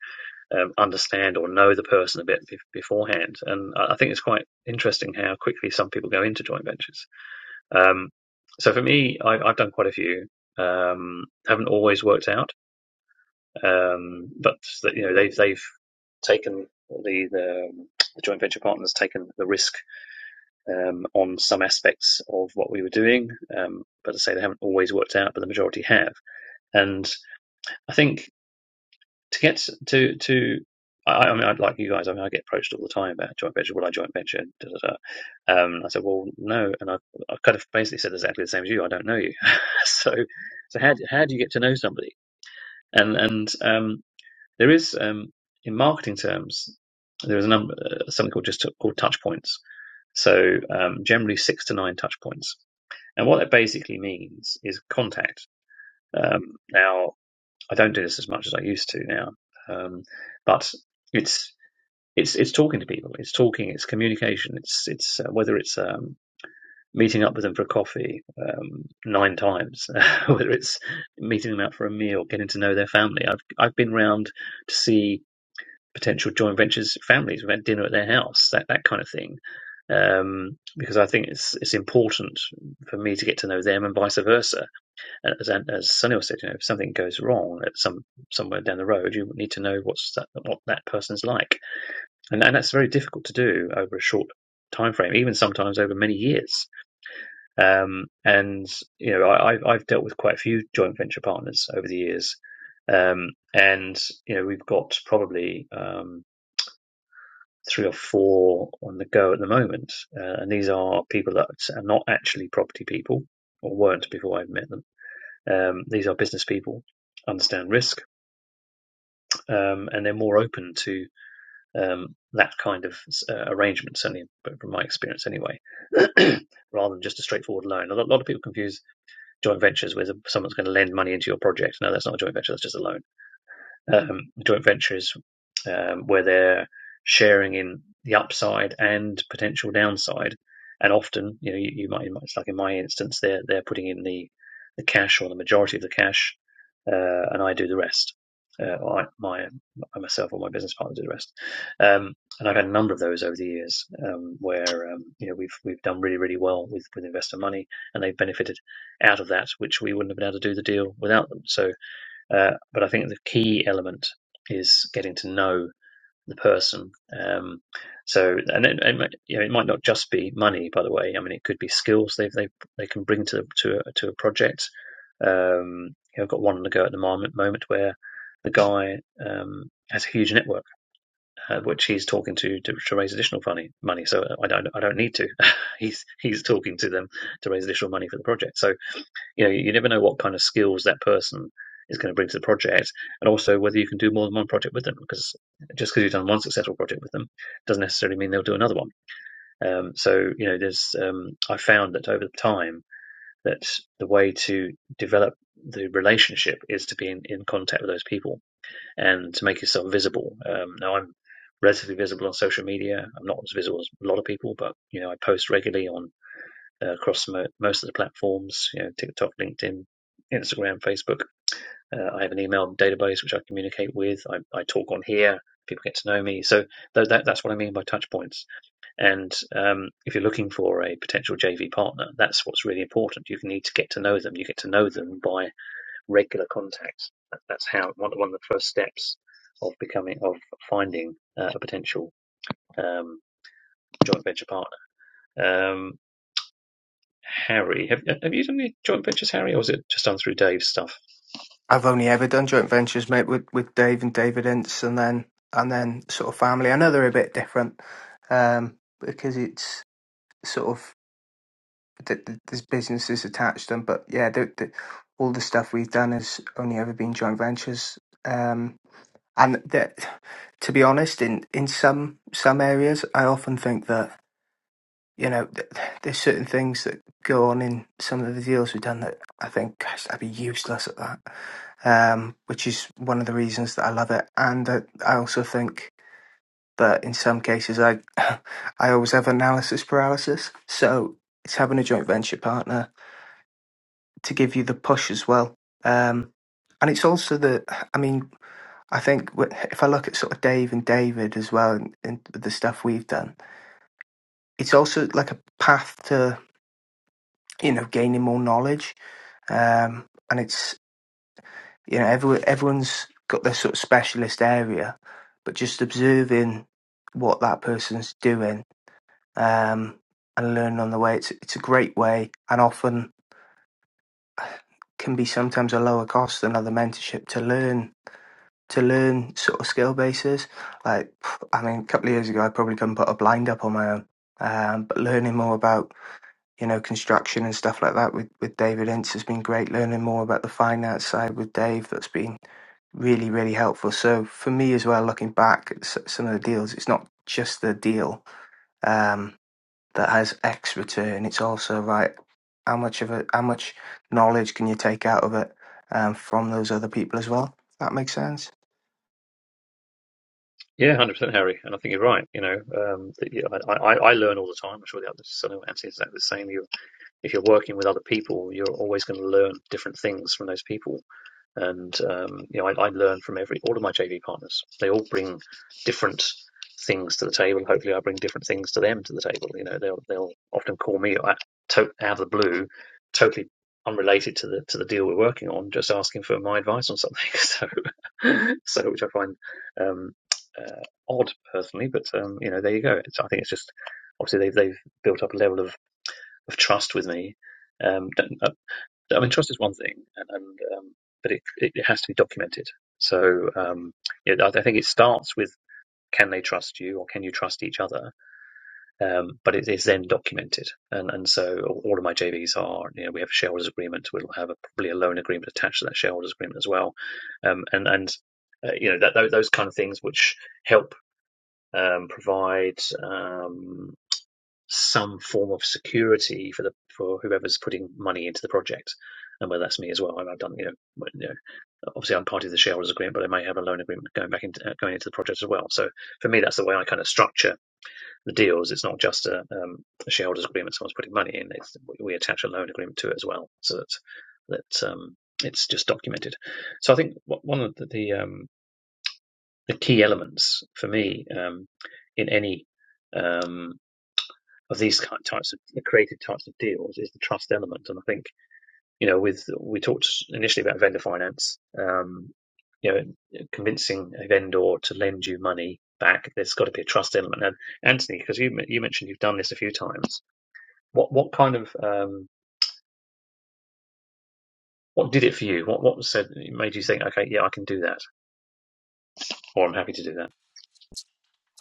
um, understand or know the person a bit bef- beforehand. And I think it's quite interesting how quickly some people go into joint ventures. Um, so for me, I, I've done quite a few. Um, haven't always worked out, um, but you know they've they've taken the the, um, the joint venture partners taken the risk um, on some aspects of what we were doing. Um, but as I say they haven't always worked out, but the majority have. And I think to get to to I, I mean, I'd like you guys. I mean, I get approached all the time about joint venture. Will I joint venture? Da, da, da. Um, I said, well, no, and I I kind of basically said exactly the same as you. I don't know you, so so how how do you get to know somebody? And and um, there is um, in marketing terms, there is a number uh, something called just called touch points. So um, generally six to nine touch points, and what that basically means is contact. Um, now I don't do this as much as I used to now, um, but it's it's it's talking to people. It's talking. It's communication. It's it's uh, whether it's um, meeting up with them for coffee um, nine times, whether it's meeting them out for a meal, getting to know their family. I've I've been round to see potential joint ventures families. We've had dinner at their house, that that kind of thing. Um, because I think it's it's important for me to get to know them and vice versa as, as Sunil said, you know, if something goes wrong at some somewhere down the road, you need to know what's that, what that person's like, and and that's very difficult to do over a short time frame, even sometimes over many years. Um, and you know, I, have I've dealt with quite a few joint venture partners over the years, um, and you know, we've got probably um, three or four on the go at the moment, uh, and these are people that are not actually property people or weren't before I met them um, these are business people, understand risk, um, and they're more open to um, that kind of uh, arrangement, certainly but from my experience anyway, rather than just a straightforward loan. A lot, a lot of people confuse joint ventures with someone's going to lend money into your project. No, that's not a joint venture, that's just a loan um, joint ventures um, where they're sharing in the upside and potential downside. And often, you know, you, you might, it's like in my instance, they're they're putting in the the cash or the majority of the cash, uh, and I do the rest. Uh, or I, my I myself or my business partner do the rest. Um, and I've had a number of those over the years um, where um, you know we've we've done really really well with with investor money, and they've benefited out of that, which we wouldn't have been able to do the deal without them. So uh, but I think the key element is getting to know the person. Um, so, and it, it, might, you know, it might not just be money, by the way. I mean, it could be skills they they they can bring to to a, to a project. Um, you know, I've got one on the go at the moment, moment where the guy um, has a huge network, uh, which he's talking to, to to raise additional money. Money, so I don't I don't need to. he's he's talking to them to raise additional money for the project. So you know, you never know what kind of skills that person is going to bring to the project, and also whether you can do more than one project with them. Because just because you've done one successful project with them doesn't necessarily mean they'll do another one. Um, so you know, there's um, I found that over time that the way to develop the relationship is to be in, in contact with those people and to make yourself visible. Um, now I'm relatively visible on social media. I'm not as visible as a lot of people, but you know, I post regularly on uh, across mo- most of the platforms, you know, TikTok, LinkedIn, Instagram, Facebook. Uh, I have an email database which I communicate with. I, I talk on here. People get to know me. So tho- that, that's what I mean by touch points. And um, if you're looking for a potential JV partner, that's what's really important. You need to get to know them. You get to know them by regular contact. That, that's how one, one of the first steps of becoming of finding uh, a potential um, joint venture partner. Um, Harry. Have, have you done any joint ventures, Harry, or was it just done through Dave's stuff? I've only ever done joint ventures, mate, with with Dave and David Ince, and then and then sort of family. I know they're a bit different um, because it's sort of th- th- there's businesses attached to them, but yeah, the, the, all the stuff we've done has only ever been joint ventures. Um, and that, to be honest, in in some some areas, I often think that you know, th- there's certain things that go on in some of the deals we've done that I think, gosh, I'd be useless at that. Um, which is one of the reasons that I love it, and I, I also think that in some cases I, I always have analysis paralysis. So it's having a joint venture partner to give you the push as well. Um, and it's also the, I mean, I think wh- if I look at sort of Dave and David as well, and, and the stuff we've done, it's also like a path to you know gaining more knowledge um, and it's you know everyone everyone's got their sort of specialist area, but just observing what that person's doing um, and learning on the way it's it's a great way and often can be sometimes a lower cost than other mentorship to learn to learn sort of skill bases. Like I mean, a couple of years ago, I probably couldn't put a blind up on my own, um, but learning more about you know construction and stuff like that with with David Ince has been great. Learning more about the finance side with Dave that's been really, really helpful. So for me as well, looking back at some of the deals, it's not just the deal um, that has X return. It's also right how much of it, how much knowledge can you take out of it um, from those other people as well. If that makes sense. Yeah, hundred percent, Harry. And I think you're right. You know, um, that, yeah, I, I, I learn all the time. I'm sure the others, so I know Anthony's exactly the same. You if you're working with other people, you're always going to learn different things from those people. And um, you know, I, I learn from every all of my JV partners. They all bring different things to the table. Hopefully, I bring different things to them to the table. You know, they'll they'll often call me out of the blue, totally unrelated to the to the deal we're working on, just asking for my advice on something. So, so which I find um, uh, odd personally, but um, you know, there you go. It's, I think it's just obviously they've they've built up a level of of trust with me. Um, uh, I mean, trust is one thing, and, and um, but it, it it has to be documented. So um, yeah, I I think it starts with can they trust you or can you trust each other? Um, but it is then documented, and and so all all of my JVs are you know we have a shareholders agreement. We'll have a, probably a loan agreement attached to that shareholders agreement as well, um, and and uh, you know that those kind of things which help um, provide. Um, some form of security for the for whoever's putting money into the project, and whether that's me as well. I've done you know, well, you know obviously I'm part of the shareholders agreement, but I may have a loan agreement going back into uh, going into the project as well. So for me, that's the way I kind of structure the deals. It's not just a, um, a shareholders agreement; someone's putting money in. It's, we attach a loan agreement to it as well, so that that um, it's just documented. So I think one of the the, um, the key elements for me um, in any um, of these types of the creative types of deals is the trust element. And I think you know, with we talked initially about vendor finance, um, you know, convincing a vendor to lend you money back. There's got to be a trust element. And Anthony, because you you mentioned you've done this a few times, what what kind of um, what did it for you? What what said made you think, okay, yeah, I can do that, or I'm happy to do that.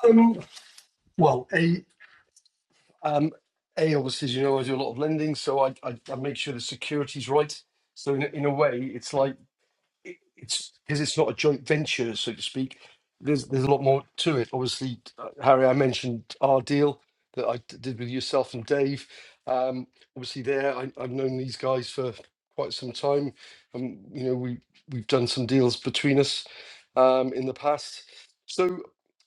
Um, well, Um, A, obviously, as you know, I do a lot of lending, so I, I, I make sure the security's right. So in, in a way, it's like it, it's because it's not a joint venture, so to speak. There's there's a lot more to it. Obviously, uh, Harry, I mentioned our deal that I d- did with yourself and Dave. Um, obviously, there I, I've known these guys for quite some time. Um, you know, we we've done some deals between us um, in the past. So,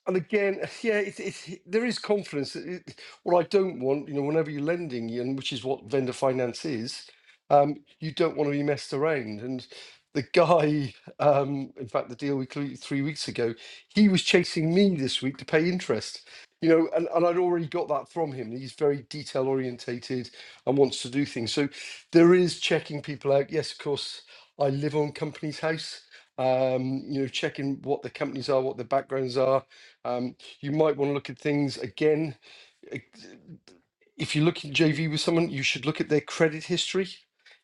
and again, yeah, it, it, there is confidence. It, it- what I don't want, you know, whenever you're lending, and which is what vendor finance is, um, you don't want to be messed around. And the guy, um, in fact, the deal we closed three weeks ago, he was chasing me this week to pay interest. You know, and, and I'd already got that from him. He's very detail orientated and wants to do things. So there is checking people out. Yes, of course, I live on company's house. Um, you know, checking what the companies are, what their backgrounds are. Um, you might want to look at things again if you look in JV with someone, you should look at their credit history.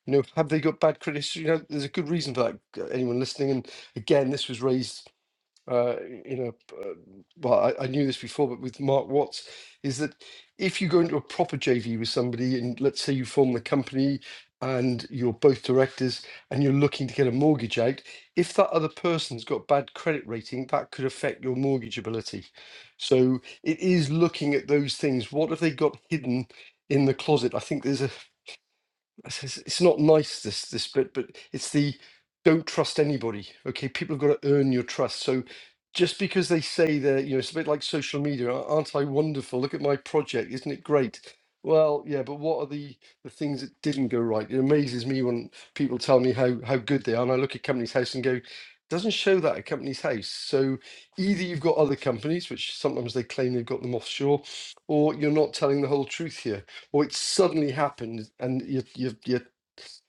You know, have they got bad credit history? You know, there's a good reason for that. uh, Anyone listening, and again, this was raised uh, in a uh, well, I, I knew this before, but with Mark Watts, is that if you go into a proper JV with somebody, and let's say you form the company and you're both directors and you're looking to get a mortgage out, if that other person's got bad credit rating, that could affect your mortgageability. So it is looking at those things. What have they got hidden in the closet? I think there's a it's, it's it's not nice this this bit but it's the don't trust anybody okay people have got to earn your trust so just because they say they're you know it's a bit like social media "A- aren't i wonderful look at my project isn't it great well yeah but what are the the things that didn't go right it amazes me when people tell me how how good they are and i look at company's house and go doesn't show that at company's house so either you've got other companies which sometimes they claim they've got them offshore or you're not telling the whole truth here or it suddenly happened and your your your,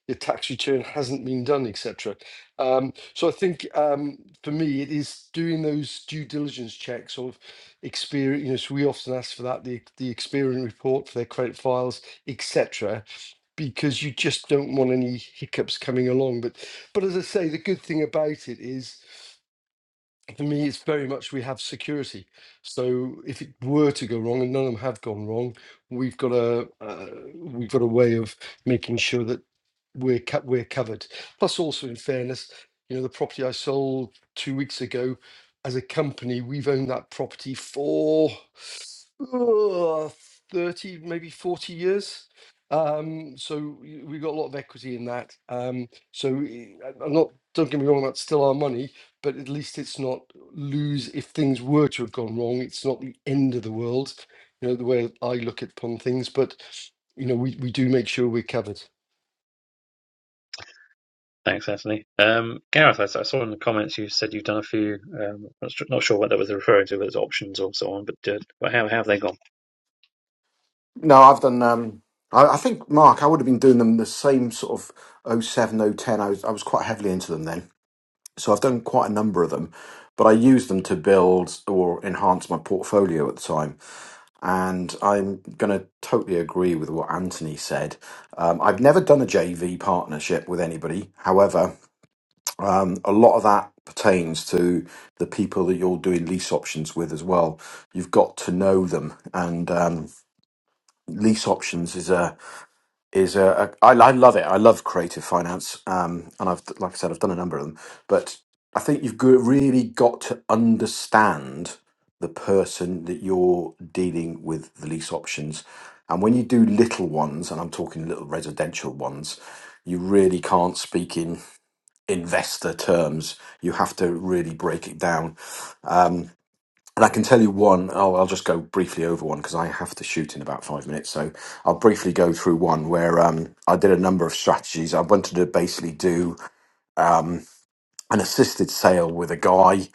your tax return hasn't been done, etc. Um, so I think um, for me, it is doing those due diligence checks of experience. You know, so we often ask for that the the experience report for their credit files, etc. Because you just don't want any hiccups coming along. But but as I say, the good thing about it is. For me, it's very much we have security. So if it were to go wrong, and none of them have gone wrong, we've got a uh, we've got a way of making sure that we're co- we're covered. Plus, also in fairness, you know, the property I sold two weeks ago, as a company, we've owned that property for uh, thirty, maybe forty years. Um, so y- we got a lot of equity in that. Um, so i- I- I'm not. Don't get me wrong, that's still our money, but at least it's not lose. If things were to have gone wrong, it's not the end of the world. You know the way I look at upon things, but you know we, we do make sure we're covered. Thanks, Anthony. Um, Gareth, I, I saw in the comments you said you've done a few. Um, I'm not sure what that was referring to, whether it's options or so on, but uh, but how, how have they gone? No, I've done. Um, I, I think Mark, I would have been doing them the same sort of oh seven, oh ten. I was, I was quite heavily into them then, so I've done quite a number of them. But I used them to build or enhance my portfolio at the time, and I'm going to totally agree with what Anthony said. Um, I've never done a JV partnership with anybody. However, um, a lot of that pertains to the people that you're doing lease options with as well. You've got to know them, and um, lease options is a is uh, a- I I love it. I love creative finance, um, and I've like I said, I've done a number of them. But I think you've go- really got to understand the person that you're dealing with the lease options, and when you do little ones, and I'm talking little residential ones, you really can't speak in investor terms. You have to really break it down and I can tell you one, I'll, I'll just go briefly over one because I have to shoot in about five minutes. So I'll briefly go through one where um, I did a number of strategies. I wanted to basically do an assisted sale with a guy.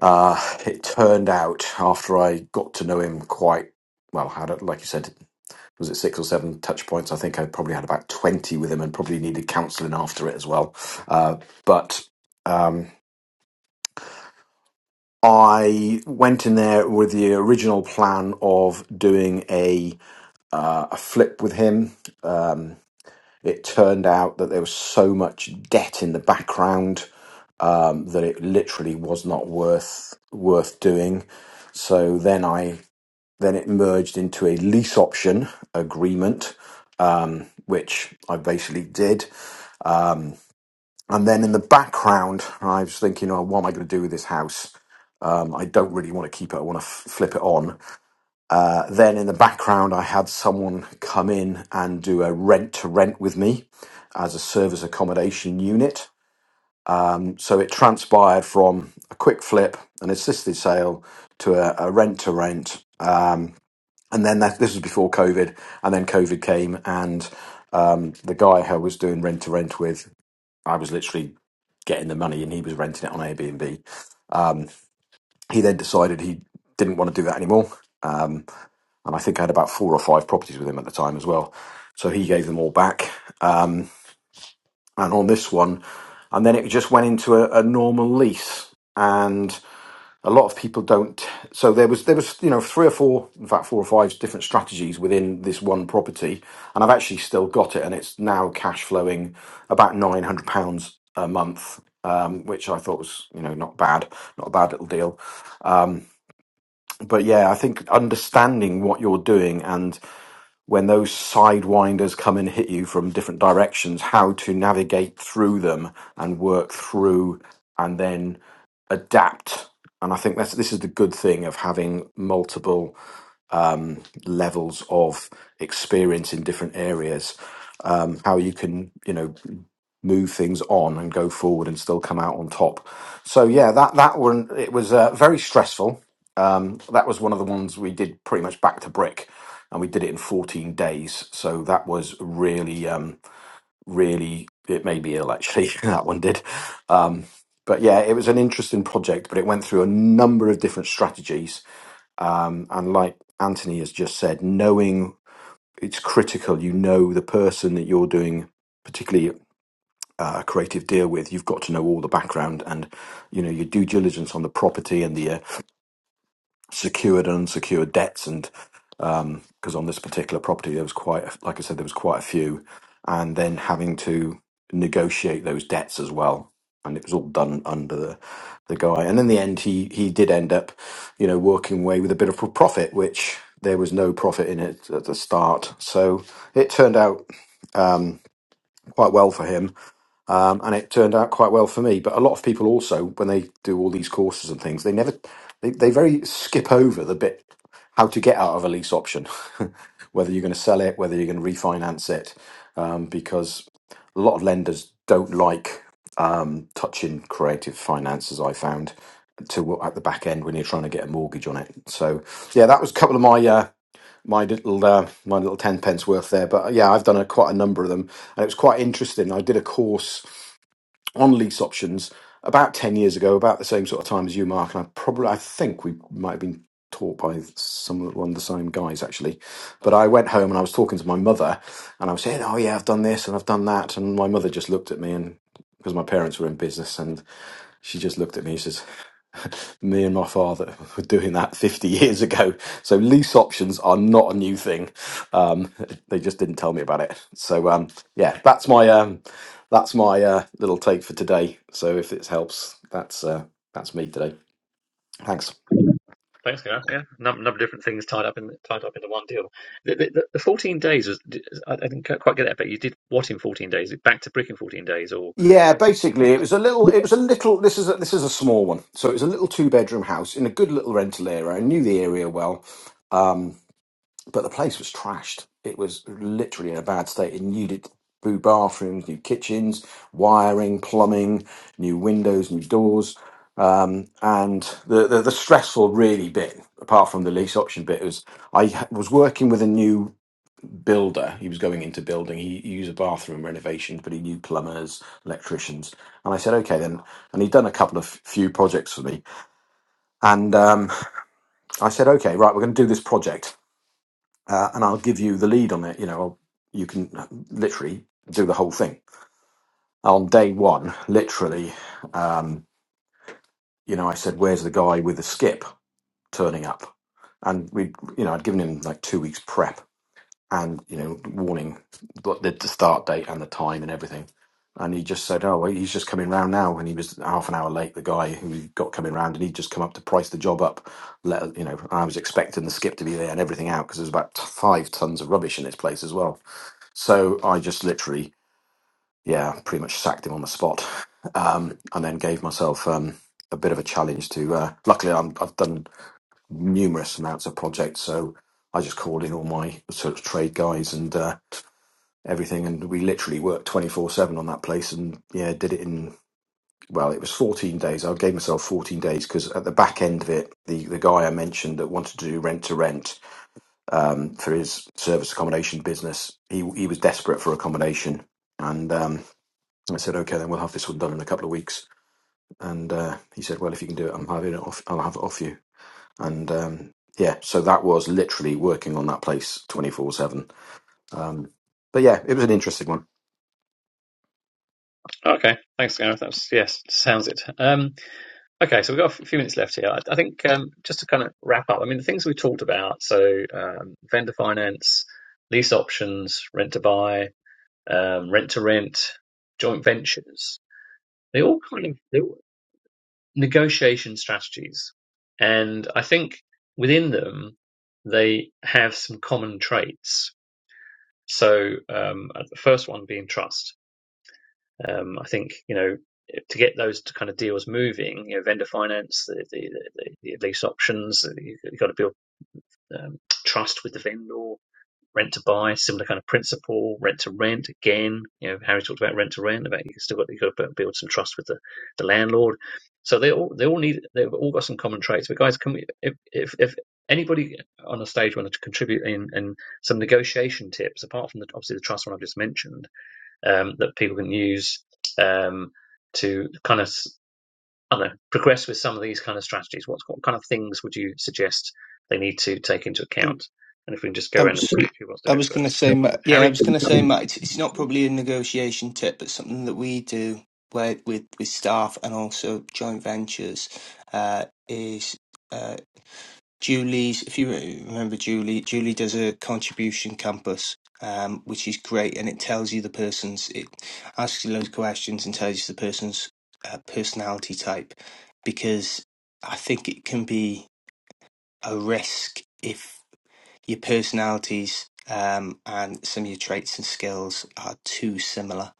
Uh, it turned out after I got to know him quite well, had it, like you said, was it six or seven touch points? I think I probably had about 20 with him and probably needed counseling after it as well. Uh, but um, I went in there with the original plan of doing a uh, a flip with him. Um, it turned out that there was so much debt in the background um, that it literally was not worth worth doing. So then I then it merged into a lease option agreement, which I basically did. And then in the background, I was thinking, oh, what am I going to do with this house? Um, I don't really want to keep it. I want to f- flip it on. Uh, then in the background, I had someone come in and do a rent to rent with me as a service accommodation unit. So it transpired from a quick flip, an assisted sale, to a, a rent to rent. And then that, this was before COVID. And then COVID came, and um, the guy who I was doing rent to rent with, I was literally getting the money and he was renting it on Airbnb. He then decided he didn't want to do that anymore. Um, and I think I had about four or five properties with him at the time as well. So he gave them all back. And on this one, and then it just went into a, a normal lease. And a lot of people don't so there was there was you know three or four in fact four or five different strategies within this one property and i've actually still got it and it's now cash flowing about 900 pounds a month um, which i thought was you know not bad not a bad little deal but yeah i think understanding what you're doing and when those sidewinders come and hit you from different directions, how to navigate through them and work through and then adapt. And I think that's this is the good thing of having multiple levels of experience in different areas, um, how you can, you know, move things on and go forward and still come out on top. So yeah, that that one it was uh, very stressful. Um, that was one of the ones we did pretty much back to brick, and we did it in 14 days. So that was really, um, really it made me ill actually. that one did. Um, but yeah, it was an interesting project, but it went through a number of different strategies. And like Anthony has just said, knowing it's critical you know the person that you're doing particularly uh, a creative deal with you've got to know all the background and you know your due diligence on the property and the uh, secured and unsecured debts and because on this particular property there was quite a- like i said there was quite a few and then having to negotiate those debts as well and it was all done under the, the guy and in the end he he did end up you know working away with a bit of a profit which there was no profit in it at the start so it turned out quite well for him, um, and it turned out quite well for me. But a lot of people also, when they do all these courses and things, they never they, they very skip over the bit how to get out of a lease option, whether you're going to sell it, whether you're going to refinance it, um, because a lot of lenders don't like touching creative finances. I found to at the back end when you're trying to get a mortgage on it. So yeah, that was a couple of my. Uh, my little uh, my little ten pence worth there, but uh, yeah, I've done a, quite a number of them, and it was quite interesting. I did a course on lease options about 10 years ago, about the same sort of time as you, Mark. And I probably, I think we might have been taught by some one of the same guys actually. But I went home and I was talking to my mother and I was saying, Oh, yeah, I've done this and I've done that. And my mother just looked at me and because my parents were in business and she just looked at me and says, me and my father were doing that 50 years ago. So lease options are not a new thing. Um, they just didn't tell me about it. So um, yeah, that's my um, that's my uh, little take for today. So if it helps, that's uh, that's me today. Thanks. Thanks, Gareth. Yeah, a number, number of different things tied up in tied up into one deal. The, the, the 14 days was I didn't quite get that, but you did what in 14 days? Back to brick in 14 days, or Yeah, basically, it was a little. It was a little. This is a, this is a small one. So it was a little two bedroom house in a good little rental area. I knew the area well. Um, but the place was trashed. It was literally in a bad state. It needed new bathrooms, new kitchens, wiring, plumbing, new windows, new doors. Um, and the, the, the stressful really bit, apart from the lease option bit, was I ha- was working with a new builder. He was going into building. He, he used a bathroom renovation, but he knew plumbers, electricians. And I said, okay, then. And he'd done a couple of few projects for me. And um, I said, okay, right, we're going to do this project uh, and I'll give you the lead on it. You know, I'll, you can literally do the whole thing. On day one, literally, um, you know, I said, "Where's the guy with the skip turning up?" And we, you know, I'd given him like two weeks prep and you know, warning what the, the start date and the time and everything. And he just said, "Oh, well, he's just coming round now." And he was half an hour late. The guy who we got coming round, and he'd just come up to price the job up. Let you know, I was expecting the skip to be there and everything out because there's about t- five tons of rubbish in this place as well so I just literally, yeah, pretty much sacked him on the spot, um, and then gave myself um, a bit of a challenge to. Uh, luckily, I'm, I've done numerous amounts of projects, so I just called in all my sort of trade guys and uh, everything, and we literally worked twenty four seven on that place, and yeah, did it in. Well, it was 14 days. I gave myself 14 days because at the back end of it, the, the guy I mentioned that wanted to do rent to rent um, for his service accommodation business, he he was desperate for accommodation, and um, I said, okay, then we'll have this one done in a couple of weeks. And uh, he said, well, if you can do it, I'm having it off. I'll have it off you. And um, yeah, so that was literally working on that place 24 seven. Um, but yeah, it was an interesting one. oh, okay? Thanks, Gareth. That's yes, sounds it. Um, okay, so we've got a few minutes left here. I, I think um, just to kind of wrap up. I mean, the things we talked about. So um, vendor finance, lease options, rent to buy, um, rent to rent, joint ventures. They all kind of they, all, negotiation strategies. And I think within them, they have some common traits. So, um, uh, the first one being trust. Um, I think, you know, to get those kind of deals moving, you know, vendor finance, the, the, the, the lease options, you've got to build um, trust with the vendor, rent to buy, similar kind of principle, rent to rent again. You know, Harry talked about rent to rent, about you still got you got to build some trust with the, the landlord. So they all they all need they've all got some common traits. But guys, can we if if, if anybody on the stage wanted to contribute in and some negotiation tips apart from the, obviously the trust one I've just mentioned um, that people can use um, to kind of I don't know, progress with some of these kind of strategies? What, what kind of things would you suggest they need to take into account? And if we can just go I around was, and see who wants to I go was going to first. say, Yeah. Ma- yeah, I Harry, was going to say, Matt, it's, it's not probably a negotiation tip, but something that we do where, with with staff and also joint ventures uh, is uh, Julie's. If you re- remember Julie, Julie does a contribution campus. Um, which is great, and it tells you the person's. It asks you loads of questions and tells you the person's uh, personality type, because I think it can be a risk if your personalities um, and some of your traits and skills are too similar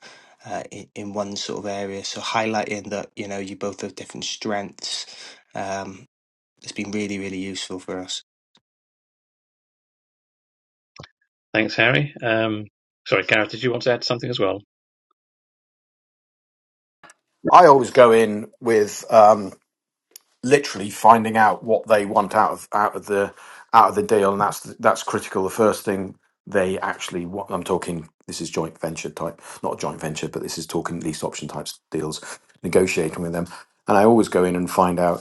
uh, in, in one sort of area. So highlighting that you know you both have different strengths um, has been really really useful for us. thanks, Harry. Um, sorry, Gareth, did you want to add something as well? I always go in with um, literally finding out what they want out of out of the out of the deal, and that's that's critical. The first thing they actually want. I'm talking. This is joint venture type, not joint venture, but this is talking lease option types deals. Negotiating with them, and I always go in and find out.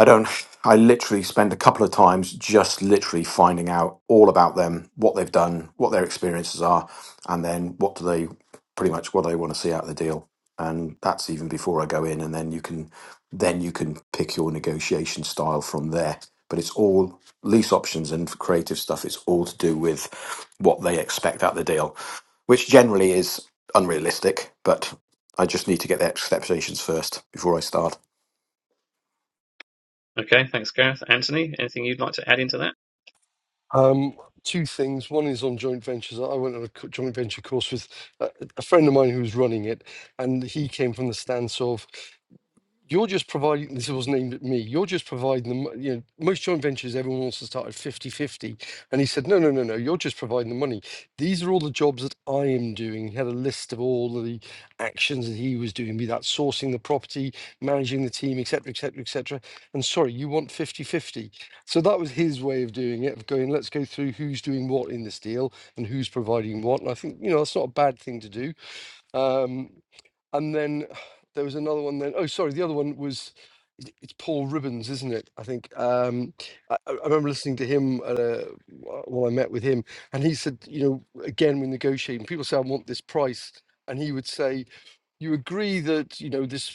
I don't. I literally spend a couple of times just literally finding out all about them, what they've done, what their experiences are, and then what do they pretty much what do they want to see out of the deal. And that's even before I go in, and then you can then you can pick your negotiation style from there. But it's all lease options and for creative stuff. It's all to do with what they expect out of the deal, which generally is unrealistic. But I just need to get their expectations first before I start. Okay, thanks, Gareth. Anthony, anything you'd like to add into that? Um, two things. One is on joint ventures. I went on a co- joint venture course with a, a friend of mine who was running it, and he came from the stance of you're just providing this wasn't aimed at me you're just providing the mo- you know most joint ventures everyone wants to start at 50 50. and he said no no no no you're just providing the money these are all the jobs that i am doing he had a list of all the actions that he was doing be that sourcing the property managing the team etc etc etc and sorry you want 50 50. so that was his way of doing it of going let's go through who's doing what in this deal and who's providing what and i think you know that's not a bad thing to do um and then there was another one. Then oh, sorry, the other one was it- it's Paul Ribbons, isn't it? I think um, I, I I remember listening to him at a, while I met with him, and he said, you know, again when negotiating, people say I want this price, and he would say, you agree that you know this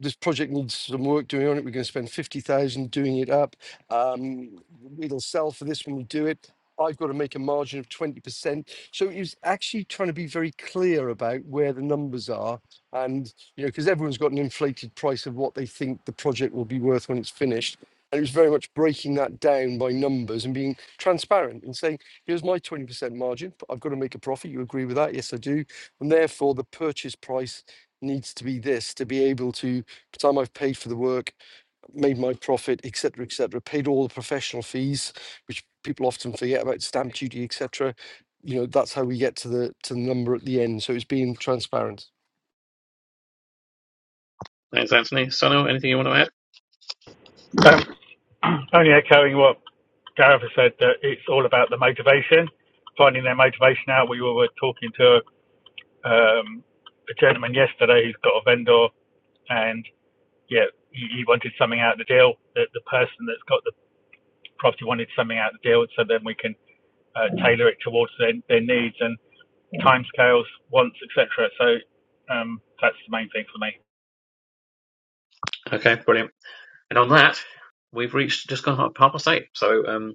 this project needs some work doing on it. We're going to spend 50,000 doing it up. Um, it'll sell for this when we do it. I've got to make a margin of 20%. So it was actually trying to be very clear about where the numbers are. And, you know, because everyone's got an inflated price of what they think the project will be worth when it's finished. And it was very much breaking that down by numbers and being transparent and saying, here's my 20% margin, but I've got to make a profit. You agree with that? Yes, I do. And therefore, the purchase price needs to be this to be able to time I've paid for the work, made my profit, etc., etc., paid all the professional fees, which people often forget about stamp duty, etc. You know, that's how we get to the to the number at the end. So it's being transparent. Thanks, Anthony. Sano, anything you want to add? Um, only echoing what Gareth has said, that it's all about the motivation, finding their motivation out. We were talking to um, a gentleman yesterday who's got a vendor, and yeah, he wanted something out of the deal. The, the person that's got the property wanted something out of the deal, so then we can uh, tailor it towards their, their needs and timescales, wants, etc. So um, that's the main thing for me. Okay, brilliant. And on that, we've reached just gone half past eight. So um,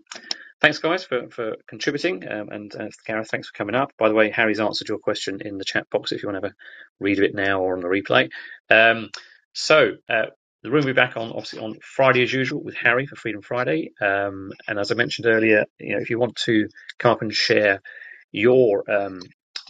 Thanks, guys, for, for contributing. Um, and uh, Gareth, thanks for coming up. By the way, Harry's answered your question in the chat box if you want to have a read of it now or on the replay. Um, so, uh, the room will be back on obviously on Friday as usual with Harry for Freedom Friday. Um, and as I mentioned earlier, you know, if you want to come up and share your um,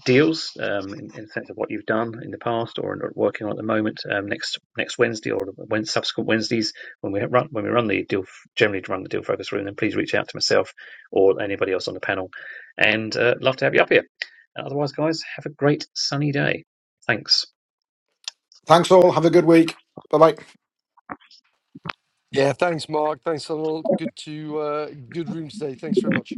deals um, in, in the sense of what you've done in the past or are working on at the moment um, next next Wednesday or when subsequent Wednesdays when we run when we run the deal generally run the deal focus room then please reach out to myself or anybody else on the panel and uh, love to have you up here and otherwise guys have a great sunny day thanks Thanks all. Have a good week. Bye bye. Yeah, thanks, Mark. Thanks, Donald. Good to uh, good room today. Thanks very much.